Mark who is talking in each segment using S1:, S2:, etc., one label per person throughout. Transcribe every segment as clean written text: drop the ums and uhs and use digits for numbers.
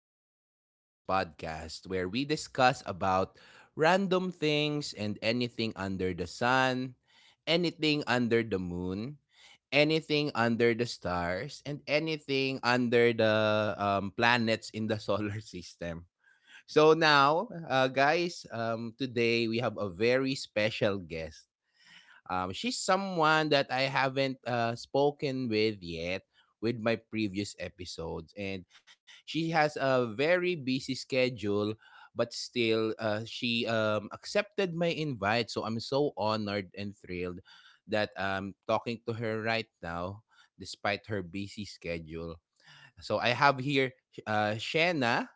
S1: again to Mel's podcast, where we discuss about random things and anything under the sun, anything under the moon, anything under the stars, and anything under the planets in the solar system. So now, guys, today we have a very special guest. She's someone that I haven't spoken with yet with my previous episodes, and she has a very busy schedule. But still, she accepted my invite, so I'm so honored and thrilled that I'm talking to her right now, despite her busy schedule. So I have here Shanna.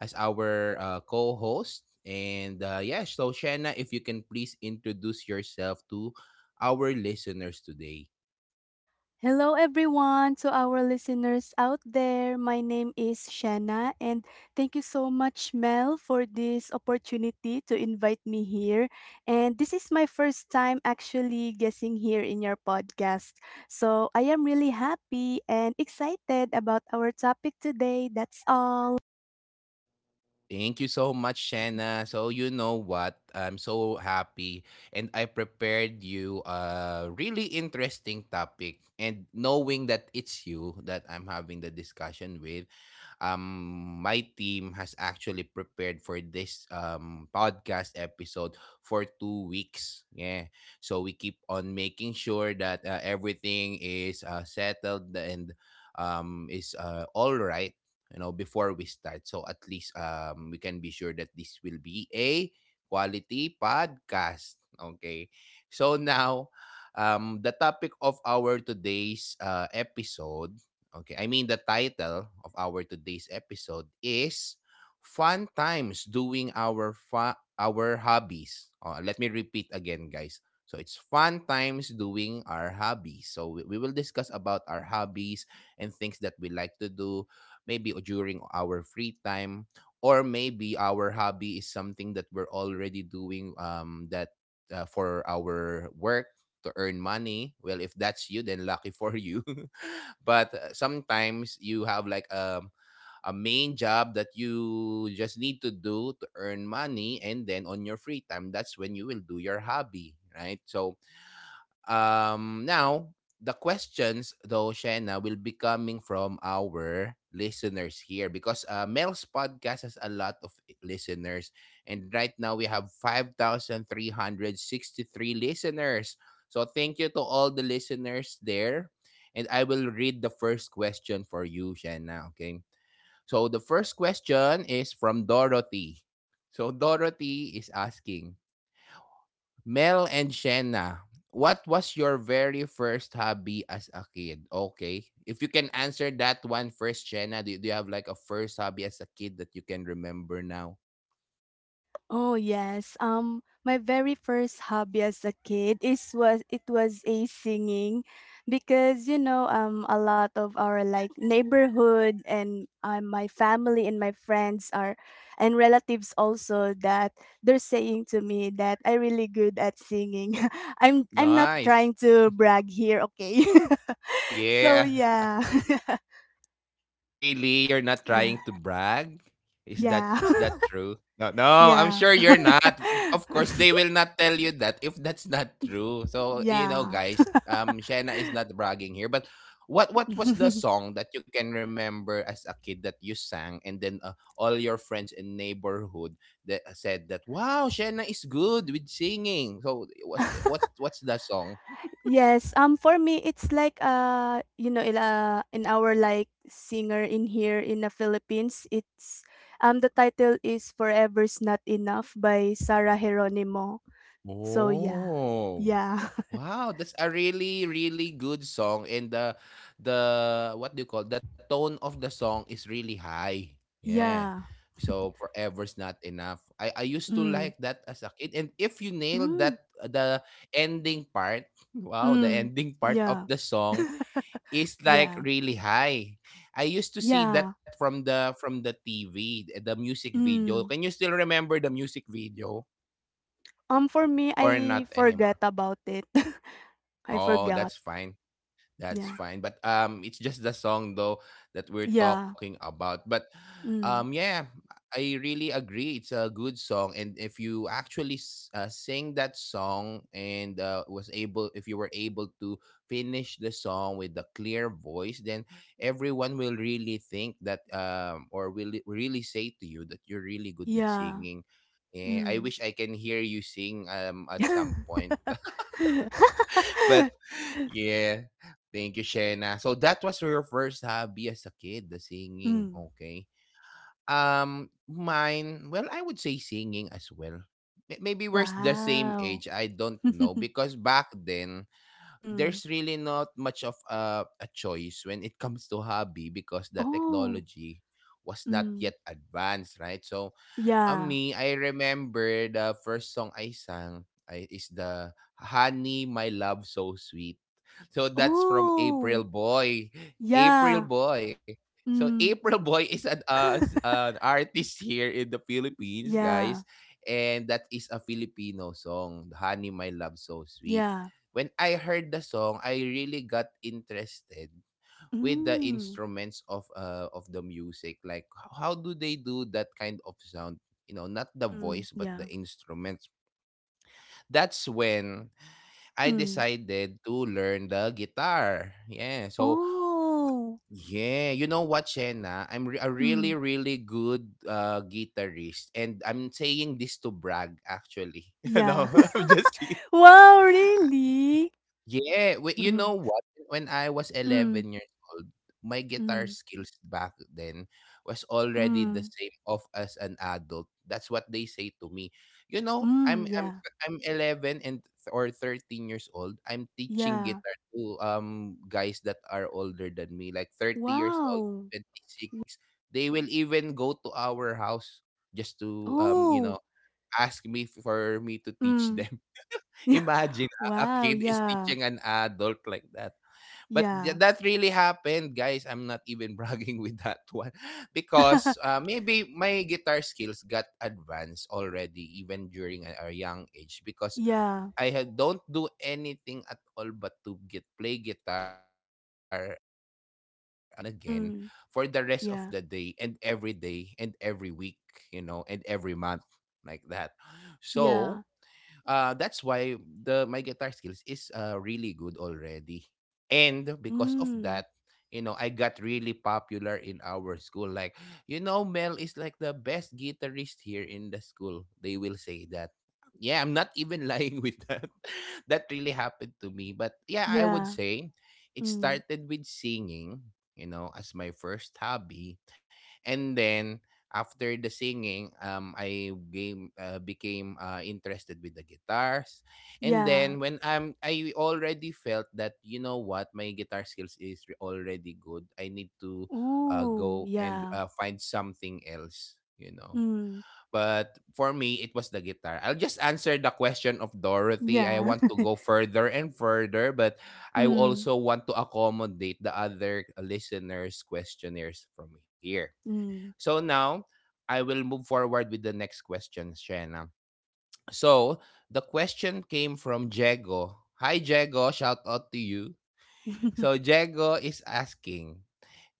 S1: As our co-host. And yeah, so Shanna, if you can please introduce yourself to our listeners today.
S2: Hello, everyone, to our listeners out there. My name is Shanna, and thank you so much, Mel, for this opportunity to invite me here. And this is my first time actually guessing here in your podcast. So I am really happy and excited about our topic today. That's all.
S1: Thank you so much, Shanna. So you know what? I'm so happy and I prepared you a really interesting topic and knowing that it's you that I'm having the discussion with, um my team has actually prepared for this podcast episode for 2 weeks. Yeah. So we keep on making sure that everything is settled and is all right, you know, before we start, so at least we can be sure that this will be a quality podcast. Okay, so now, the topic of our today's episode, okay, I mean the title of our today's episode is fun times doing our our hobbies. Let me repeat again, guys, so it's fun times doing our hobbies. So we will discuss about our hobbies and things that we like to do maybe during our free time, or maybe our hobby is something that we're already doing that for our work to earn money. Well, if that's you, then lucky for you. But sometimes you have like a main job that you just need to do to earn money, and then on your free time, that's when you will do your hobby, right? So, now, the questions, though, Shanna, will be coming from our listeners here because Mel's podcast has a lot of listeners. And right now, we have 5,363 listeners. So thank you to all the listeners there. And I will read the first question for you, Shanna, okay? So the first question is from Dorothy. So Dorothy is asking, Mel and Shenna, what was your very first hobby as a kid? Okay. If you can answer that one first, Shenna, do you have like a first hobby as a kid that you can remember now?
S2: Oh yes. My very first hobby as a kid is was it was a singing because a lot of our like neighborhood and my family and my friends are and relatives also that they're saying to me that I really good at singing. I'm not
S1: Nice.
S2: trying to brag here, okay? So
S1: Yeah.
S2: yeah.
S1: Really? You're not
S2: Yeah.
S1: trying to brag? Is that
S2: Yeah.
S1: is that true? No, no, I'm
S2: Yeah.
S1: sure you're not. Of course, they will not tell you that if that's not true. So you know,
S2: Yeah.
S1: guys, Shanna is not bragging here. But what was the song that you can remember as a kid that you sang, and then all your friends in neighborhood that said that wow, Shanna is good with singing. So what's that song?
S2: Yes, for me, it's like in our like singer in here in the Philippines, it's the title is "Forever's Not Enough" by Sarah Geronimo. So yeah,
S1: Oh.
S2: yeah.
S1: Wow, that's a really, really good song. And the what do you call the tone of the song is really high. Yeah.
S2: Yeah.
S1: So forever's not enough. I used to
S2: Mm.
S1: like that as a kid. And if you nailed
S2: Mm.
S1: that the ending part, wow, the
S2: Mm.
S1: ending part of
S2: Yeah,
S1: the song is like
S2: yeah,
S1: really high. I used to see
S2: yeah.
S1: that from the TV, the music video.
S2: Mm.
S1: Can you still remember the music video
S2: For me,
S1: or
S2: I
S1: not
S2: forgot
S1: anymore?
S2: about it. I
S1: Oh,
S2: forgot.
S1: that's fine. That's
S2: Yeah,
S1: fine. But it's just the song though that we're
S2: yeah.
S1: talking about. But
S2: Mm.
S1: yeah, I really agree. It's a good song, and if you actually sing that song, and was able if you were able to finish the song with a clear voice, then everyone will really think that or will really say to you that you're really good with
S2: Yeah.
S1: singing. Eh, I
S2: Mm.
S1: wish I can hear you sing at some point. Yeah. Thank you, Shena. So that was your first hobby as a kid, the singing.
S2: Mm.
S1: Okay. Mine, well, I would say singing as well. Maybe we're the same
S2: Wow.
S1: age. I don't know because back then
S2: Mm.
S1: there's really not much of a choice when it comes to hobby because the
S2: Oh.
S1: technology was not
S2: Mm.
S1: yet advanced, right? So,
S2: Yeah.
S1: me, I remember the first song I sang is the Honey, My Love So Sweet. So, that's from
S2: Oh.
S1: April Boy. April
S2: Yeah.
S1: Boy. So,
S2: Mm.
S1: April Boy is an, an artist here in the Philippines,
S2: Yeah.
S1: guys. And that is a Filipino song, Honey, My Love So Sweet.
S2: Yeah.
S1: When I heard the song, I really got interested with the
S2: Mm.
S1: instruments of the music. Like how do they do that kind of sound? You know, not the
S2: Mm.
S1: voice but
S2: Yeah.
S1: the instruments. That's when I
S2: Mm.
S1: decided to learn the guitar. Yeah. So
S2: Oh.
S1: yeah, you know what, Shena? I'm a really,
S2: Mm.
S1: really good guitarist, and I'm saying this to brag. Actually,
S2: Yeah.
S1: no, I'm just kidding.
S2: Wow, really?
S1: Yeah, well, you
S2: Mm.
S1: know what? When I was
S2: Mm.
S1: 11 years old, my guitar
S2: Mm.
S1: skills back then was already the
S2: Mm.
S1: same of as an adult. That's what they say to me. You know, I'm
S2: Mm.
S1: I'm
S2: Yeah.
S1: I'm 11 and or 13 years old. I'm teaching
S2: Yeah.
S1: guitar to guys that are older than me, like 30 years old,
S2: Wow.
S1: 26. They will even go to our house just to you know,
S2: Oh.
S1: ask me for me to teach
S2: Mm.
S1: them.
S2: Yeah.
S1: Imagine a
S2: Wow,
S1: kid is
S2: yeah.
S1: teaching an adult like that. But
S2: Yeah.
S1: that really happened, guys. I'm not even bragging with that one because maybe my guitar skills got advanced already, even during a young age. Because
S2: Yeah.
S1: I had, don't do anything at all but to get play guitar and again for the
S2: Mm,
S1: rest of the
S2: yeah.
S1: day and every week, you know, and every month like that. So
S2: Yeah.
S1: that's why the my guitar skills is really good already. And because of
S2: Mm,
S1: that, you know, I got really popular in our school. Like, you know, Mel is like the best guitarist here in the school. They will say that. Yeah, I'm not even lying with that. That really happened to me. But yeah, I would
S2: yeah.
S1: say it
S2: Mm,
S1: started with singing, you know, as my first hobby. And then after the singing, I game became interested with the guitars, and
S2: yeah.
S1: then when I already felt that you know what, my guitar skills is already good. I need to
S2: Ooh,
S1: go and
S2: yeah.
S1: find something else, you know.
S2: Mm,
S1: But for me, it was the guitar. I'll just answer the question of Dorothy. I
S2: yeah.
S1: want to go further and further, but I
S2: Mm,
S1: also want to accommodate the other listeners' questionnaires from here.
S2: mm.
S1: So now I will move forward with the next question, Shena. So the question came from Jego. Hi Jego, shout out to you. So Jego is asking,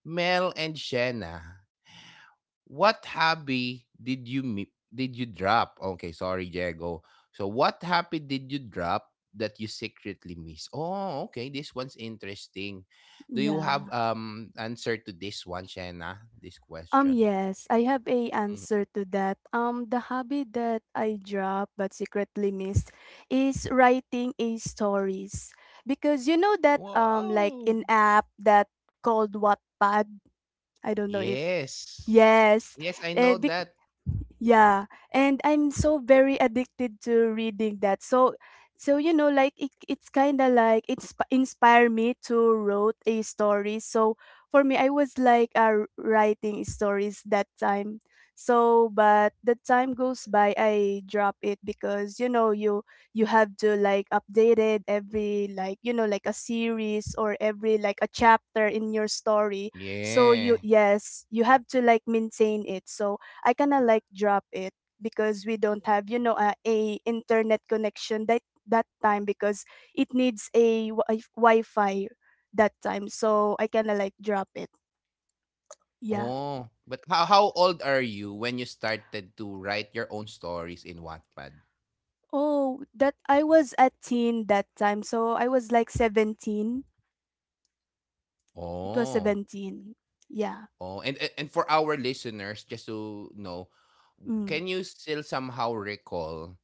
S1: Mel and Shena, what hobby did did you drop? Okay, sorry Jego. So what hobby did you drop that you secretly miss? Oh, okay, this one's interesting. Do you
S2: Yeah.
S1: have answer to this one, Shena? This question.
S2: Yes, I have a
S1: Mhm.
S2: answer to that. The hobby that I dropped but secretly missed is writing a stories because you know that like
S1: Wow.
S2: in app that called Wattpad. I don't know if,
S1: Yes.
S2: yes.
S1: Yes, I know
S2: And
S1: that.
S2: yeah, and I'm so very addicted to reading that. So, so like it's kind of like it's inspire me to wrote a story. So for me, I was like writing stories that time. So, but the time goes by, I drop it because you have to like update it every like like a series or every like a chapter in your story. So you
S1: Yeah.
S2: yes, you have to like maintain it. So I kind of like drop it because we don't have a internet connection that time because it needs a Wi-Fi that time. So I kind of like drop it. Yeah.
S1: Oh, but how old are you when you started to write your own stories in Wattpad?
S2: Oh, that I was a teen that time. So I was like 17. It was
S1: Oh.
S2: 17. Yeah.
S1: Oh, and for our listeners just to know, can you still somehow recall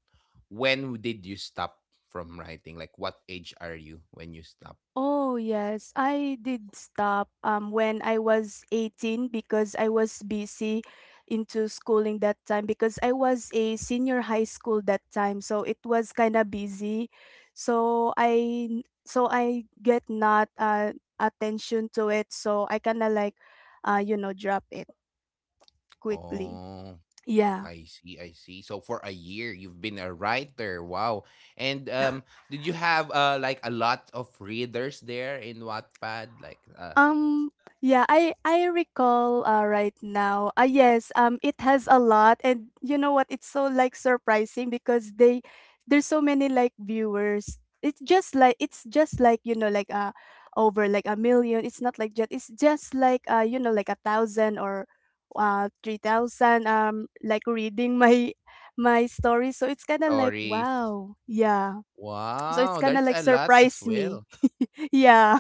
S1: when did you stop from writing? Like what age are you when you stop?
S2: Oh yes, I did stop when I was 18 because I was busy into schooling that time because I was a senior high school that time so it was kind of busy. So I, so I get not attention to it so I kind of like drop it quickly.
S1: Oh.
S2: Yeah.
S1: I see, I see. So for a year, you've been a writer. Wow. And did you have like a lot of readers there in Wattpad, like
S2: Um, yeah, I recall right now. Yes, it has a lot, and you know what? It's so like surprising because they there's so many like viewers. It's just like, you know, like over like a million. It's not like just it's just like you know like a thousand or 3,000 like reading my story. So it's kind of like
S1: stories?
S2: wow. Yeah. So it's
S1: Wow,
S2: kind of
S1: that's
S2: like
S1: a lot as
S2: surprised me.
S1: well.
S2: Yeah.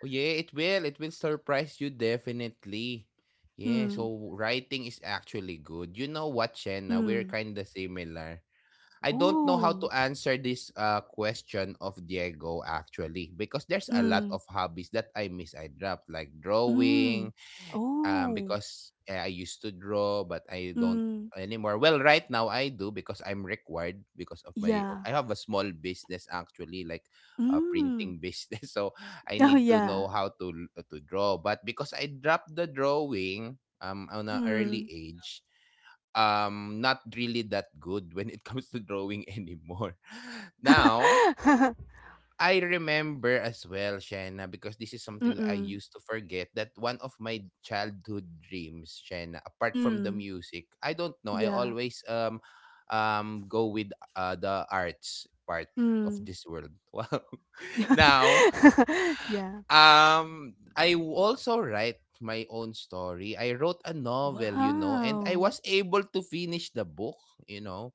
S1: Oh yeah, it will. It will surprise you definitely. Yeah.
S2: Mm.
S1: So writing is actually good. You know what, Shenna? We're
S2: Mm.
S1: kind of similar. I don't know how to
S2: Oh.
S1: answer this question of Diego actually because there's a lot
S2: Mm.
S1: of hobbies that I dropped, like drawing,
S2: Mm. Oh.
S1: because eh, I used to draw, but I don't
S2: Mm.
S1: anymore. Well, right now I do because I'm required because of my.
S2: Yeah.
S1: I have a small business actually, like a
S2: Mm.
S1: printing business, so I
S2: Oh,
S1: need to
S2: yeah.
S1: know how to draw. But because I dropped the drawing on an early
S2: Mm.
S1: age, not really that good when it comes to drawing anymore. Now I remember as well, Shanna, because this is something that I
S2: Mm-mm.
S1: used to forget, that one of my childhood dreams, Shanna, apart from the
S2: Mm.
S1: music, I don't know, I
S2: Yeah.
S1: always go with the arts part of
S2: Mm.
S1: this world. Wow. Now,
S2: Yeah.
S1: I also write my own story. I wrote a novel, you know, and I
S2: Wow.
S1: was able to finish the book, you know.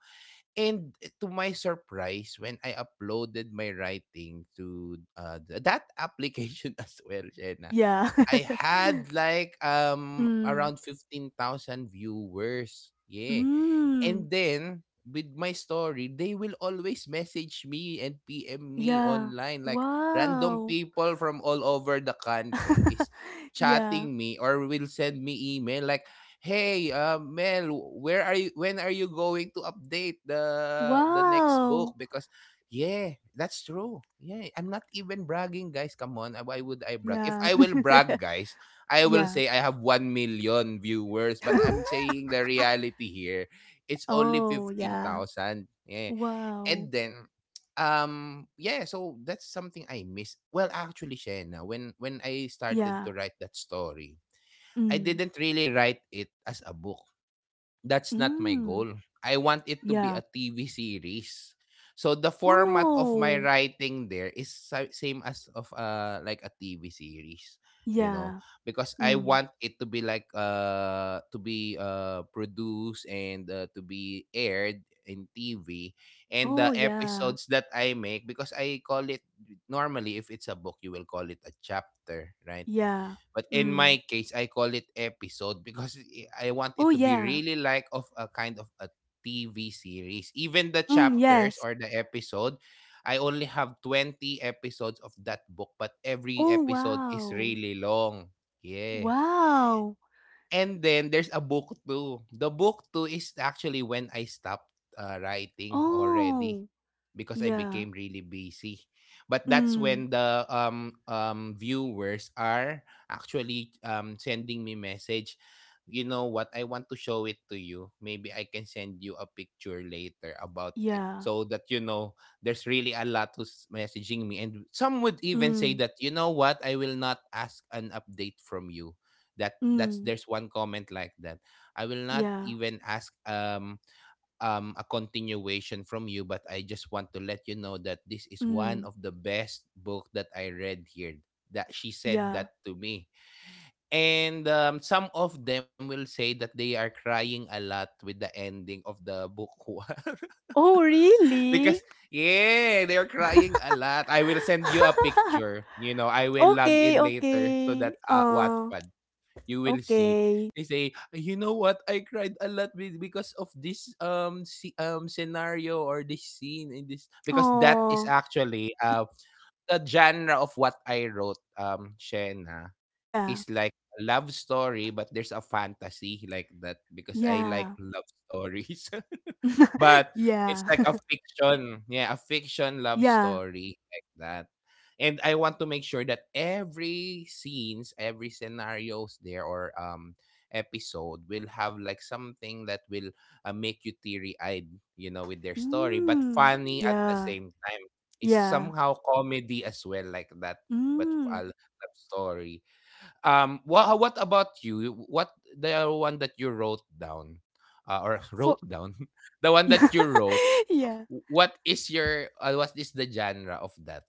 S1: And to my surprise, when I uploaded my writing to that application as well, Jenna,
S2: Yeah.
S1: I had like around
S2: Mm.
S1: 15,000 viewers. Yeah. And
S2: Mm.
S1: then with my story, they will always message me and PM me
S2: Yeah.
S1: online. Like random
S2: Wow.
S1: people from all over the country is
S2: Yeah.
S1: chatting me or will send me email like, "Hey, Mel, where are you? When are you going to update the next
S2: Wow.
S1: book?" Because yeah, that's true. Yeah, I'm not even bragging, guys. Come on, why would I brag? If
S2: Yeah.
S1: I will brag, guys, I will
S2: Yeah.
S1: say I have 1 million viewers, but I'm saying the reality here. It's only
S2: Oh,
S1: fifteen
S2: yeah.
S1: thousand, Yeah.
S2: Wow.
S1: And then yeah, so that's something I miss. Well, actually Shena, when I started
S2: Yeah.
S1: to write that story, I
S2: Mm.
S1: didn't really write it as a book. That's not my
S2: Mm.
S1: goal. I want it to be
S2: Yeah.
S1: a TV series. So the format of my
S2: Oh.
S1: writing there is same as of like a TV series, you
S2: Yeah.
S1: know, because I
S2: Mm.
S1: want it to be like to be produced and to be aired in TV, and
S2: Oh,
S1: the
S2: yeah.
S1: episodes that I make because I call it, normally if it's a book you will call it a chapter, right?
S2: Yeah.
S1: But in
S2: Mm.
S1: my case, I call it episode because I want
S2: Oh,
S1: it to be
S2: yeah.
S1: really like of a kind of a TV series. Even the
S2: Mm,
S1: chapters
S2: yes.
S1: or the episode, I only have 20 episodes of that book, but every
S2: Oh,
S1: episode is
S2: wow.
S1: really long. Yeah.
S2: Wow.
S1: And then there's a book 2. The book 2 is actually when I stopped writing already
S2: Oh.
S1: because I
S2: Yeah.
S1: became really busy. But that's
S2: Mm.
S1: when the viewers are actually sending me message. You know what? I want to show it to you. Maybe I can send you a picture later about it
S2: Yeah.
S1: so that you know there's really a lot who's messaging me and some would even say
S2: Mm.
S1: that, you know what? I will not ask an update from you, that that's
S2: Mm.
S1: there's one comment like that. I will not
S2: Yeah.
S1: even ask a continuation from you, but I just want to let you know that this is one
S2: Mm.
S1: of the best book that I read here. That she said
S2: Yeah.
S1: that to me. And some of them will say that they are crying a lot with the ending of the book one.
S2: Oh,
S1: Because
S2: really?
S1: yeah, they're crying a lot. I will send you a picture. You know, I will log
S2: Okay,
S1: in later to
S2: okay.
S1: that Wattpad. You will see
S2: Okay.
S1: they say, you know what, I cried a lot because of this scenario or this scene in this, because that is
S2: Oh.
S1: actually the genre of what I wrote, Shena,
S2: Yeah,
S1: is like a love story, but there's a fantasy like that because I like
S2: yeah.
S1: love stories. But it's
S2: Yeah.
S1: like a fiction. Yeah, a fiction love
S2: Yeah.
S1: story like that. And I want to make sure that every scenes, every scenarios there, or episode, will have like something that will make you teary-eyed, you know, with their story, but
S2: Mm,
S1: funny at the
S2: yeah,
S1: same time. It's
S2: yeah.
S1: somehow comedy as well like that, but
S2: Mm,
S1: a love story. What about you? What the one that you wrote down, or
S2: for
S1: wrote down, the one
S2: yeah,
S1: that you wrote,
S2: yeah.
S1: what is your, what is the genre of that?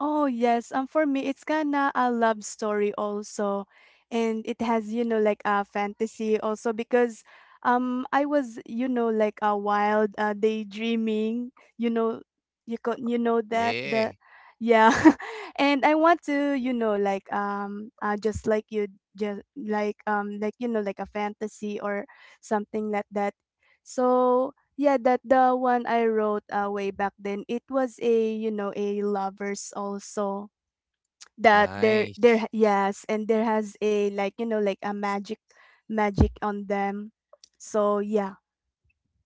S2: Oh, yes. For me, it's kinda a love story also, and it has, like a fantasy also because, I was, like a wild, daydreaming. You know, you know that the,
S1: Yeah.
S2: yeah. And I want to, like just like you, just like like a fantasy or something like that. So yeah, that the one I wrote way back then. It was a a lovers also that there
S1: Nice.
S2: there yes, and there has a like like a magic on them. So yeah,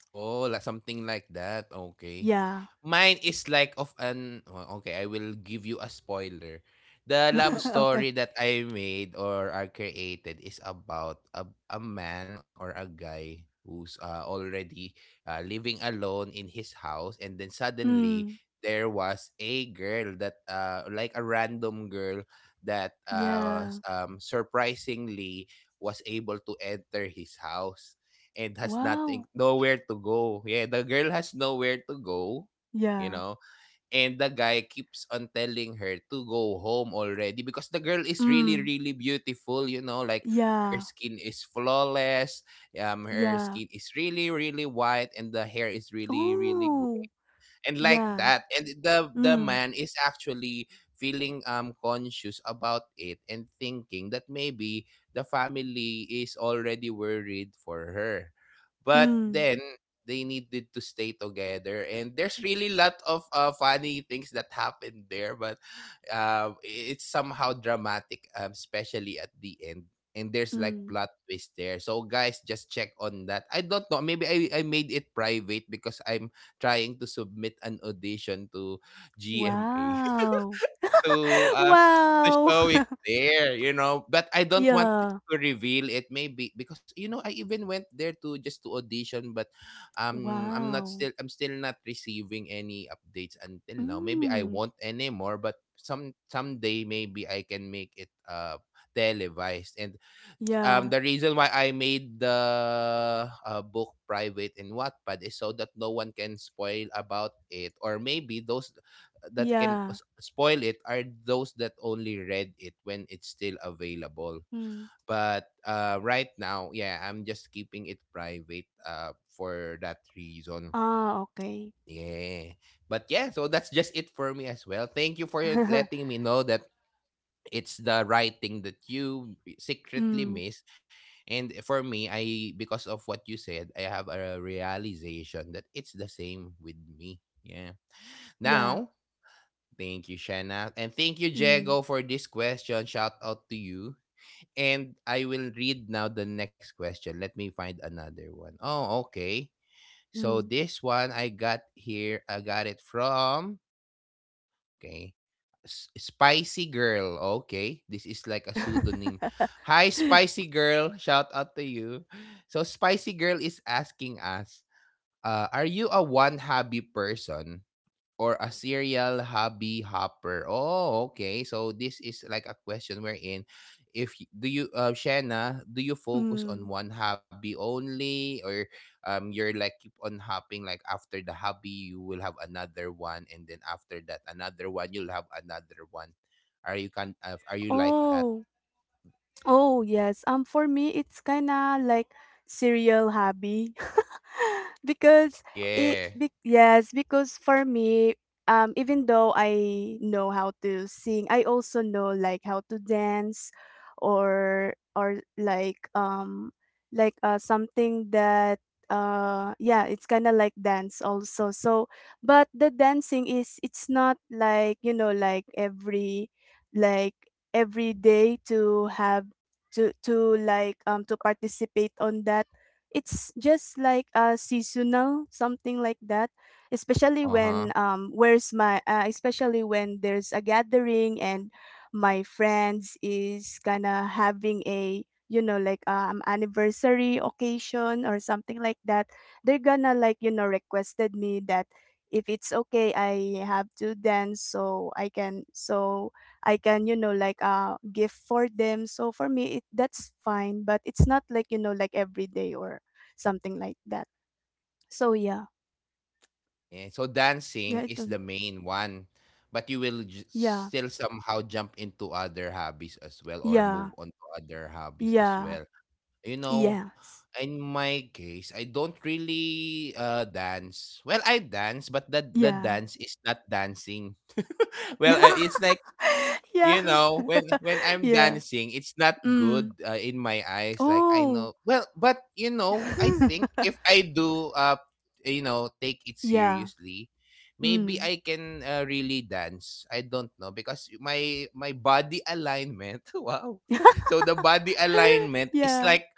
S1: Oh, like something like that. Okay.
S2: yeah.
S1: Mine is like of an, well, okay, I will give you a spoiler. The love story
S2: Okay.
S1: that I made or I created is about a man or a guy who's already living alone in his house, and then suddenly
S2: Mm,
S1: there was a girl that like a random girl that
S2: yeah.
S1: surprisingly was able to enter his house and has nothing,
S2: Wow.
S1: nowhere to go. Yeah, the girl has nowhere to go, you
S2: Yeah.
S1: know. And the guy keeps on telling her to go home already because the girl is really
S2: Mm,
S1: really beautiful, you know, like her
S2: yeah.
S1: skin is flawless, her skin
S2: Yeah.
S1: is really really white and the hair is really really
S2: Oh.
S1: and like
S2: Yeah.
S1: that, and the
S2: Mm.
S1: man is actually feeling conscious about it and thinking that maybe the family is already worried for her, but
S2: Mm.
S1: then they needed to stay together, and there's really lot of funny things that happened there, but it's somehow dramatic, especially at the end, and there's like
S2: Mm.
S1: plot twist there. So guys, just check on that. I don't know, maybe I made it private because I'm trying to submit an audition to GMA
S2: Wow.
S1: to uh to
S2: Wow.
S1: show it there, you know. But I don't want
S2: Yeah.
S1: to reveal it, maybe because, you know, I even went there to just to audition, but
S2: Wow.
S1: I'm still not receiving any updates until now. Maybe I
S2: Hmm.
S1: won't anymore, but someday maybe I can make it televised. And
S2: Yeah.
S1: the reason why I made the book private in Wattpad is so that no one can spoil about it, or maybe those that can
S2: Yeah.
S1: spoil it are those that only read it when it's still available.
S2: Mm.
S1: But right now, yeah, I'm just keeping it private for that reason.
S2: Ah, okay.
S1: Yeah. But yeah, so that's just it for me as well. Thank you for letting me know that it's the writing that you secretly
S2: Mm.
S1: miss, and for me, I, because of what you said, I have a realization that it's the same with me. Yeah.
S2: Yeah.
S1: Now thank you, Shanna, and thank you,
S2: Mm.
S1: Jago, for this question. Shout out to you. And I will read now the next question. Let me find another one. Oh, okay, so
S2: Mm.
S1: this one, I got here, I got it from, okay, Spicy Girl. Okay. This is like a pseudonym. Hi, Spicy Girl. Shout out to you. So, Spicy Girl is asking us, are you a one hobby person or a serial hobby hopper? Oh, okay. So this is like a question wherein if do you, Shanna, do you focus on
S2: Mm.
S1: one hobby only, or you're like keep on hopping like after the hobby you will have another one and then after that another one you'll have another one. Are you can are you like that?
S2: Oh. Oh, yes. For me, it's kind of like serial hobby because it
S1: Yeah.
S2: be, yes, because for me, even though I know how to sing, I also know like how to dance or like something that yeah, it's kind of like dance also. So, but the dancing is it's not like, you know, like every day to have to like to participate on that, it's just like a seasonal something like that, especially
S1: Uh-huh.
S2: when where's my especially when there's a gathering and my friends is kind of having a like anniversary occasion or something like that. They're gonna like requested me that if it's okay I have to dance so I can, like gift for them. So for me it that's fine, but it's not like, you know, like every day or something like that. So yeah.
S1: Yeah, so dancing
S2: Yeah, I
S1: is the
S2: don't,
S1: main one, but you will ju
S2: yeah.
S1: still somehow jump into other hobbies as well or move
S2: Yeah.
S1: on to other hobbies as
S2: Yeah.
S1: well. You know,
S2: Yes.
S1: in my case, I don't really, dance. Well, I dance, but the
S2: Yeah.
S1: dance is not dancing. Well, it's like,
S2: Yeah.
S1: you
S2: Yeah.
S1: know, when I'm
S2: Yeah.
S1: dancing it's not
S2: Mm.
S1: good in my eyes, like I
S2: Oh.
S1: know well, but you know, I think if I do you know, take it
S2: Yeah.
S1: seriously, maybe
S2: Mm.
S1: I can really dance. I don't know because my body alignment wow, so the body alignment is
S2: Yeah.
S1: like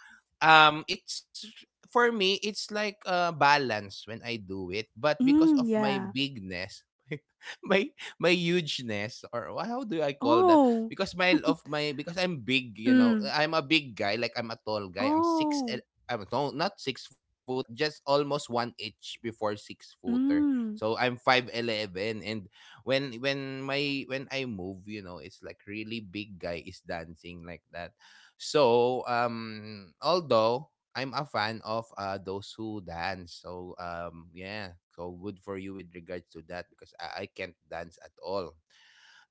S1: it's, for me it's like balance when I do it, but because
S2: Mm,
S1: of my
S2: yeah.
S1: bigness, my my hugeness, or how do I call that?
S2: Oh.
S1: Because my of my, because I'm big, you know,
S2: Mm.
S1: I'm a big guy. Like I'm a tall guy. I'm six.
S2: Oh.
S1: I'm no, not six footer, but just almost one inch before six footer.
S2: Mm.
S1: So I'm 5'11", and when my when I move, you know, it's like really big guy is dancing like that. So although I'm a fan of those who dance. So yeah, so good for you with regards to that because I can't dance at all.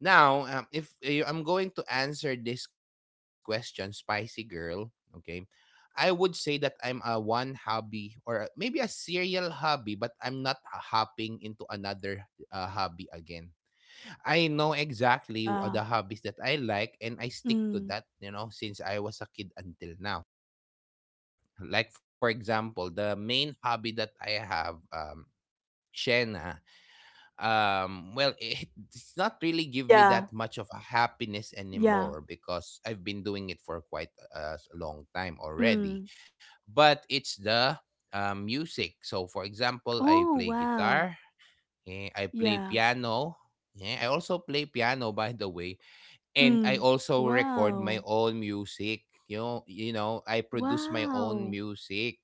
S1: Now, if I'm going to answer this question, Spicy Girl, okay? I would say that I'm a one hobby, or maybe a serial hobby, but I'm not hopping into another hobby again. I know exactly
S2: Yeah.
S1: the hobbies that I like and I stick to
S2: Mm.
S1: that, you know, since I was a kid until now. Like for example, the main hobby that I have, Shena, well, it's not really give me
S2: Yeah,
S1: that much of a happiness
S2: yeah.
S1: anymore because I've been doing it for quite a long time
S2: Mm.
S1: already. But it's the music. So for example, I
S2: Oh,
S1: play
S2: wow.
S1: guitar, I play
S2: Yeah.
S1: piano. Yeah, I also play piano, by the way, and I
S2: Mm.
S1: also record my
S2: Wow.
S1: own music. You know, I produce my own
S2: Wow.
S1: music.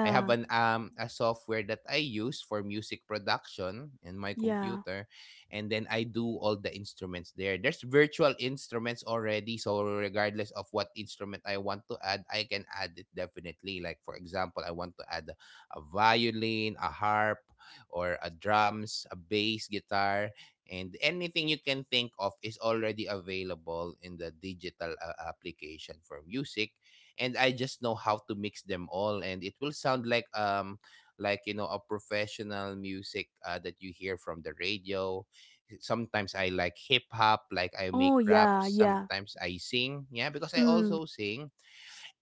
S1: I have an a software that I use for music production in my
S2: yeah.
S1: computer, and then I do all the instruments there. There's virtual instruments already, so regardless of what instrument I want to add, I can add it definitely. Like for example, I want to add a violin, a harp, or a drums, a bass guitar, and anything you can think of is already available in the digital application for music, and I just know how to mix them all and it will sound like a professional music that you hear from the radio. Sometimes I like hip hop, like I make
S2: Oh, yeah,
S1: raps,
S2: yeah.
S1: sometimes I sing. Yeah, because I
S2: Mm.
S1: also sing.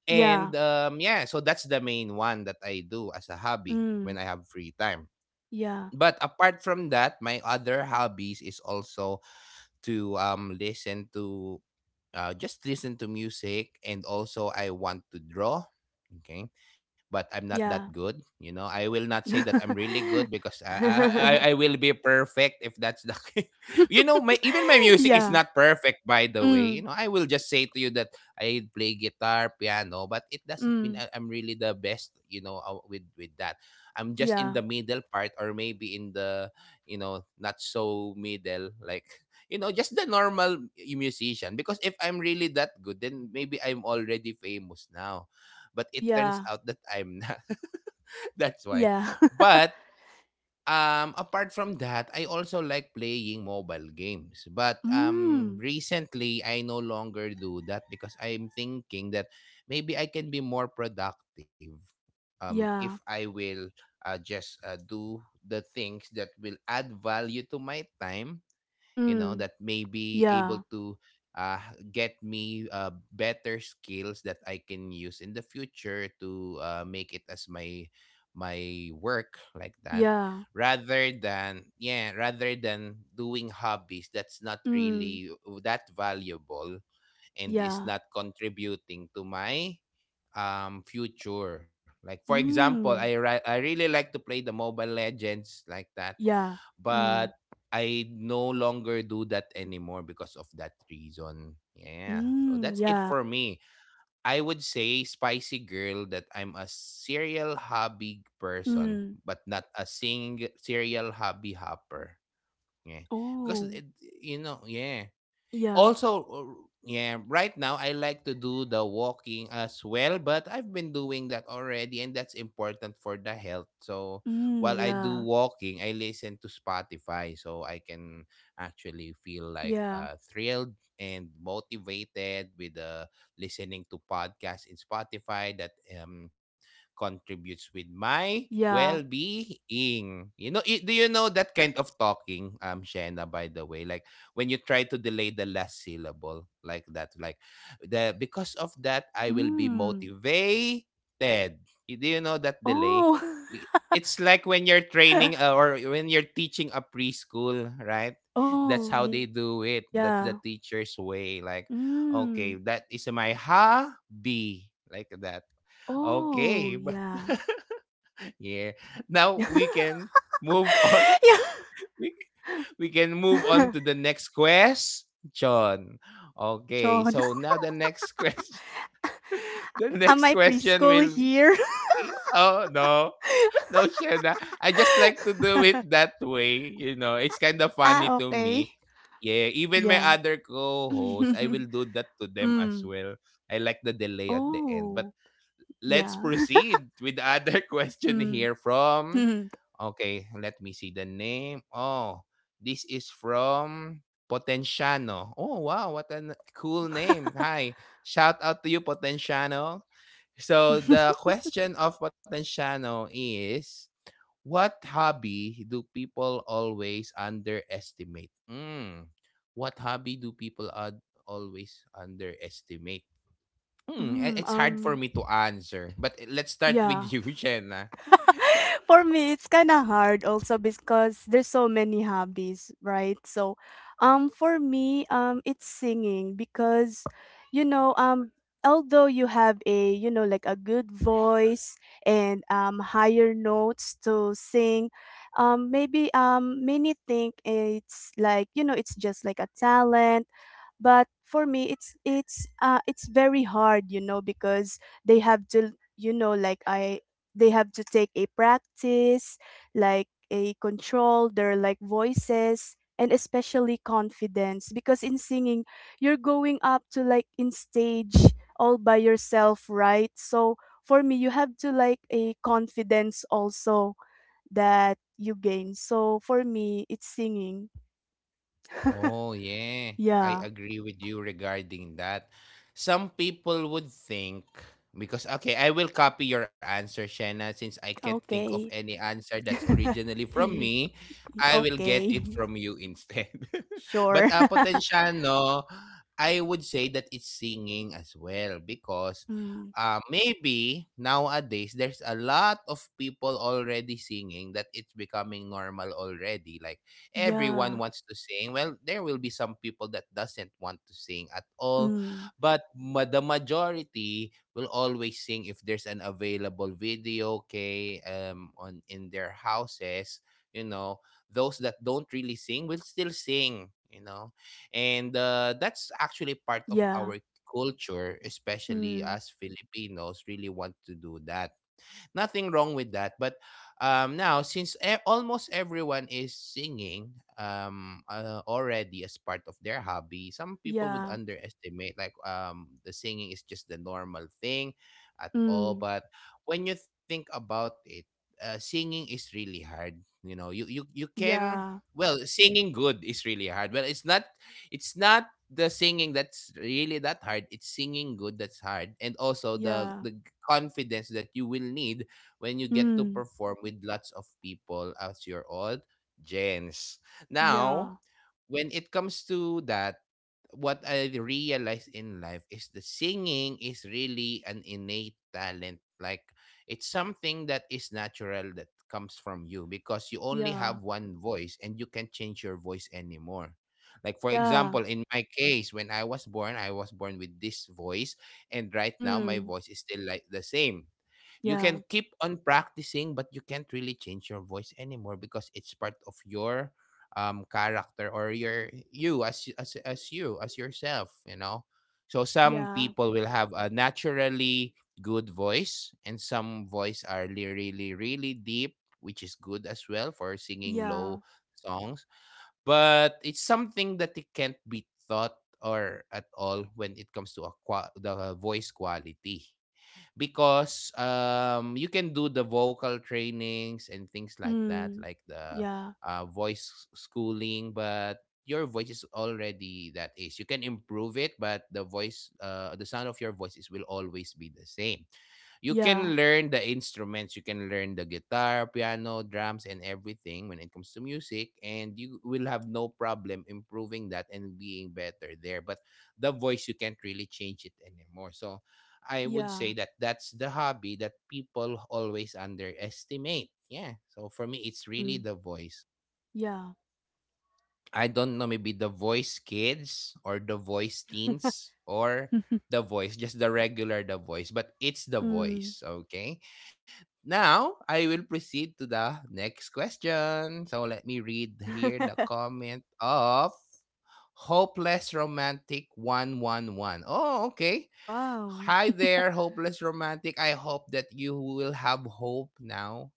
S2: Yeah.
S1: So that's the main one that I do as a hobby
S2: Mm.
S1: when I have free time.
S2: Yeah,
S1: But apart from that, my other hobbies is also to listen to, just listen to music, and also I want to draw. Okay. But I'm not that
S2: yeah.
S1: good. You know, I will not say that I'm really good because I will be perfect if that's the case. You know, my even my music is
S2: Yeah.
S1: not perfect, by the way. You
S2: Mm.
S1: know, I will just say to you that I play guitar, piano, but it doesn't mean
S2: Mm.
S1: I'm really the best, you know, with that. I'm just in
S2: Yeah.
S1: the middle part, or maybe in the, you know, not so middle, like you know, just the normal musician, because if I'm really that good then maybe I'm already famous now, but it turns
S2: Yeah.
S1: out that I'm not. That's why.
S2: Yeah.
S1: But apart from that, I also like playing mobile games, but
S2: Mm.
S1: recently I no longer do that because I'm thinking that maybe I can be more productive if
S2: Yeah.
S1: I will just do the things that will add value to my time, you know, that
S2: Mm.
S1: may be able
S2: Yeah.
S1: to uh, get me better skills that I can use in the future to make it as my my work like that,
S2: Yeah.
S1: rather than, yeah, rather than doing hobbies that's not
S2: Mm.
S1: really that valuable and is
S2: Yeah.
S1: not contributing to my future. Like for example,
S2: Mm.
S1: I really like to play the mobile legends like that,
S2: Yeah.
S1: but
S2: Mm.
S1: I no longer do that anymore because of that reason. Yeah. So
S2: Mm,
S1: that's it
S2: yeah.
S1: for me. I would say, spicy girl, that I'm a serial hobby person,
S2: Mm.
S1: but not a sing serial hobby hopper. Yeah. Because
S2: Oh,
S1: it, you know, yeah.
S2: yeah.
S1: Also, yeah, right now I like to do the walking as well, but I've been doing that already and that's important for the health. So
S2: Mm,
S1: while I do
S2: yeah.
S1: walking, I listen to Spotify so I can actually feel like
S2: Yeah.
S1: thrilled and motivated with listening to podcasts in Spotify that um, contributes with my
S2: Yeah.
S1: well-being. You know, do you know that kind of talking, Shena, by the way? Like when you try to delay the last syllable like that, like the, because of that I will be
S2: Mm.
S1: motivated. Do you know that delay?
S2: Oh.
S1: It's like when you're training, or when you're teaching a preschool, right? That's
S2: Oh,
S1: how they
S2: yeah.
S1: do it, that's the teacher's way, like,
S2: Mm.
S1: okay, that is my hobby like that.
S2: Oh,
S1: Okay, but
S2: yeah.
S1: yeah, now we can
S2: Yeah.
S1: move on. We can move on to the next question. Okay,
S2: John,
S1: so now the next question. The
S2: am
S1: next
S2: I
S1: question
S2: preschool
S1: will be,
S2: here?
S1: oh no, no, Shena. I just like to do it that way. You know, it's kind of funny
S2: Ah,
S1: to me.
S2: okay.
S1: Yeah, even my
S2: Yeah.
S1: other co-hosts, I will do that to them as
S2: Mm.
S1: well. I like the delay at the end.
S2: Oh,
S1: But let's
S2: yeah.
S1: proceed with the other question
S2: Mm.
S1: here from. Okay, let me see the name. Oh, this is from Potenciano. Oh, wow, what a cool name. Hi. Shout out to you, Potenciano. So, the question of Potenciano is, what hobby do people always underestimate? Mm. What hobby do people always underestimate? Hmm,
S2: Mm,
S1: it's hard for me to answer. But let's start with
S2: yeah.
S1: you, Shen.
S2: For me, it's kind of hard also because there's so many hobbies, right? So, for me, it's singing because, you know, um, although you have a, like a good voice and higher notes to sing, maybe many think it's like it's just like a talent, but for me it's very hard, because they have to you know like I they have to take a practice like a control their like voices, and especially confidence because in singing you're going up to like in stage all by yourself, right? So for me you have to like a confidence also that you gain. So for me it's singing.
S1: Oh, yeah. I
S2: Yeah.
S1: agree with you regarding that. Some people would think, because, okay, I will copy your answer, Shena, since I can't think of
S2: Okay.
S1: any answer that's originally from me. I will get
S2: Okay.
S1: it from you instead. But
S2: Sure.
S1: Potensyano, I would say that it's singing as well, because
S2: Mm,
S1: maybe nowadays there's a lot of people already singing that it's becoming normal already. Like,
S2: yeah.
S1: everyone wants to sing. Well, there will be some people that doesn't want to sing at all,
S2: Mm,
S1: but the majority will always sing if there's an available video, okay, on in their houses, you know. Those that don't really sing will still sing, you know, and that's actually part of
S2: yeah.
S1: our culture, especially
S2: Mm,
S1: us Filipinos really want to do that. Nothing wrong with that. But now, since almost everyone is singing already as part of their hobby, some people would
S2: yeah.
S1: underestimate like, the singing is just the normal thing at all.
S2: Mm,
S1: But when you think about it, singing is really hard. You know, you can,
S2: yeah.
S1: well, singing good is really hard. Well, it's not, it's not the singing that's really that hard, it's singing good that's hard, and also the
S2: Yeah.
S1: the confidence that you will need when you get to
S2: Mm,
S1: perform with lots of people as your old gens. Now,
S2: yeah.
S1: when it comes to that, what I realized in life is the singing is really an innate talent. Like, it's something that is natural that comes from you, because you only
S2: Yeah.
S1: have one voice and you can't change your voice anymore. Like for
S2: Yeah.
S1: example, in my case, when I was born with this voice, and right now my
S2: Mm,
S1: voice is still like the same. You
S2: yeah.
S1: can keep on practicing but you can't really change your voice anymore because it's part of your character, or your you, as you, as yourself, you know. So some
S2: Yeah.
S1: people will have a naturally good voice, and some voice are really really really deep, which is good as well for singing
S2: Yeah.
S1: low songs, but it's something that it can't be taught or at all when it comes to a the voice quality, because you can do the vocal trainings and things like that,
S2: Mm,
S1: like the
S2: yeah.
S1: voice schooling. But your voice is already that, is, you can improve it, but the voice, the sound of your voice is, will always be the same. You
S2: Yeah.
S1: can learn the instruments, you can learn the guitar, piano, drums, and everything when it comes to music and you will have no problem improving that and being better there, but the voice, you can't really change it anymore. So I would
S2: Yeah.
S1: say that that's the hobby that people always underestimate. Yeah. So for me, it's really
S2: Mm,
S1: the voice.
S2: yeah.
S1: I don't know, maybe the voice kids or the voice teens, or the voice, just the regular the voice, but it's the
S2: Mm.
S1: voice. Okay. Now I will proceed to the next question. So let me read here the comment of Hopeless Romantic one one one. Oh, okay.
S2: Wow.
S1: Hi there, hopeless romantic. I hope that you will have hope now.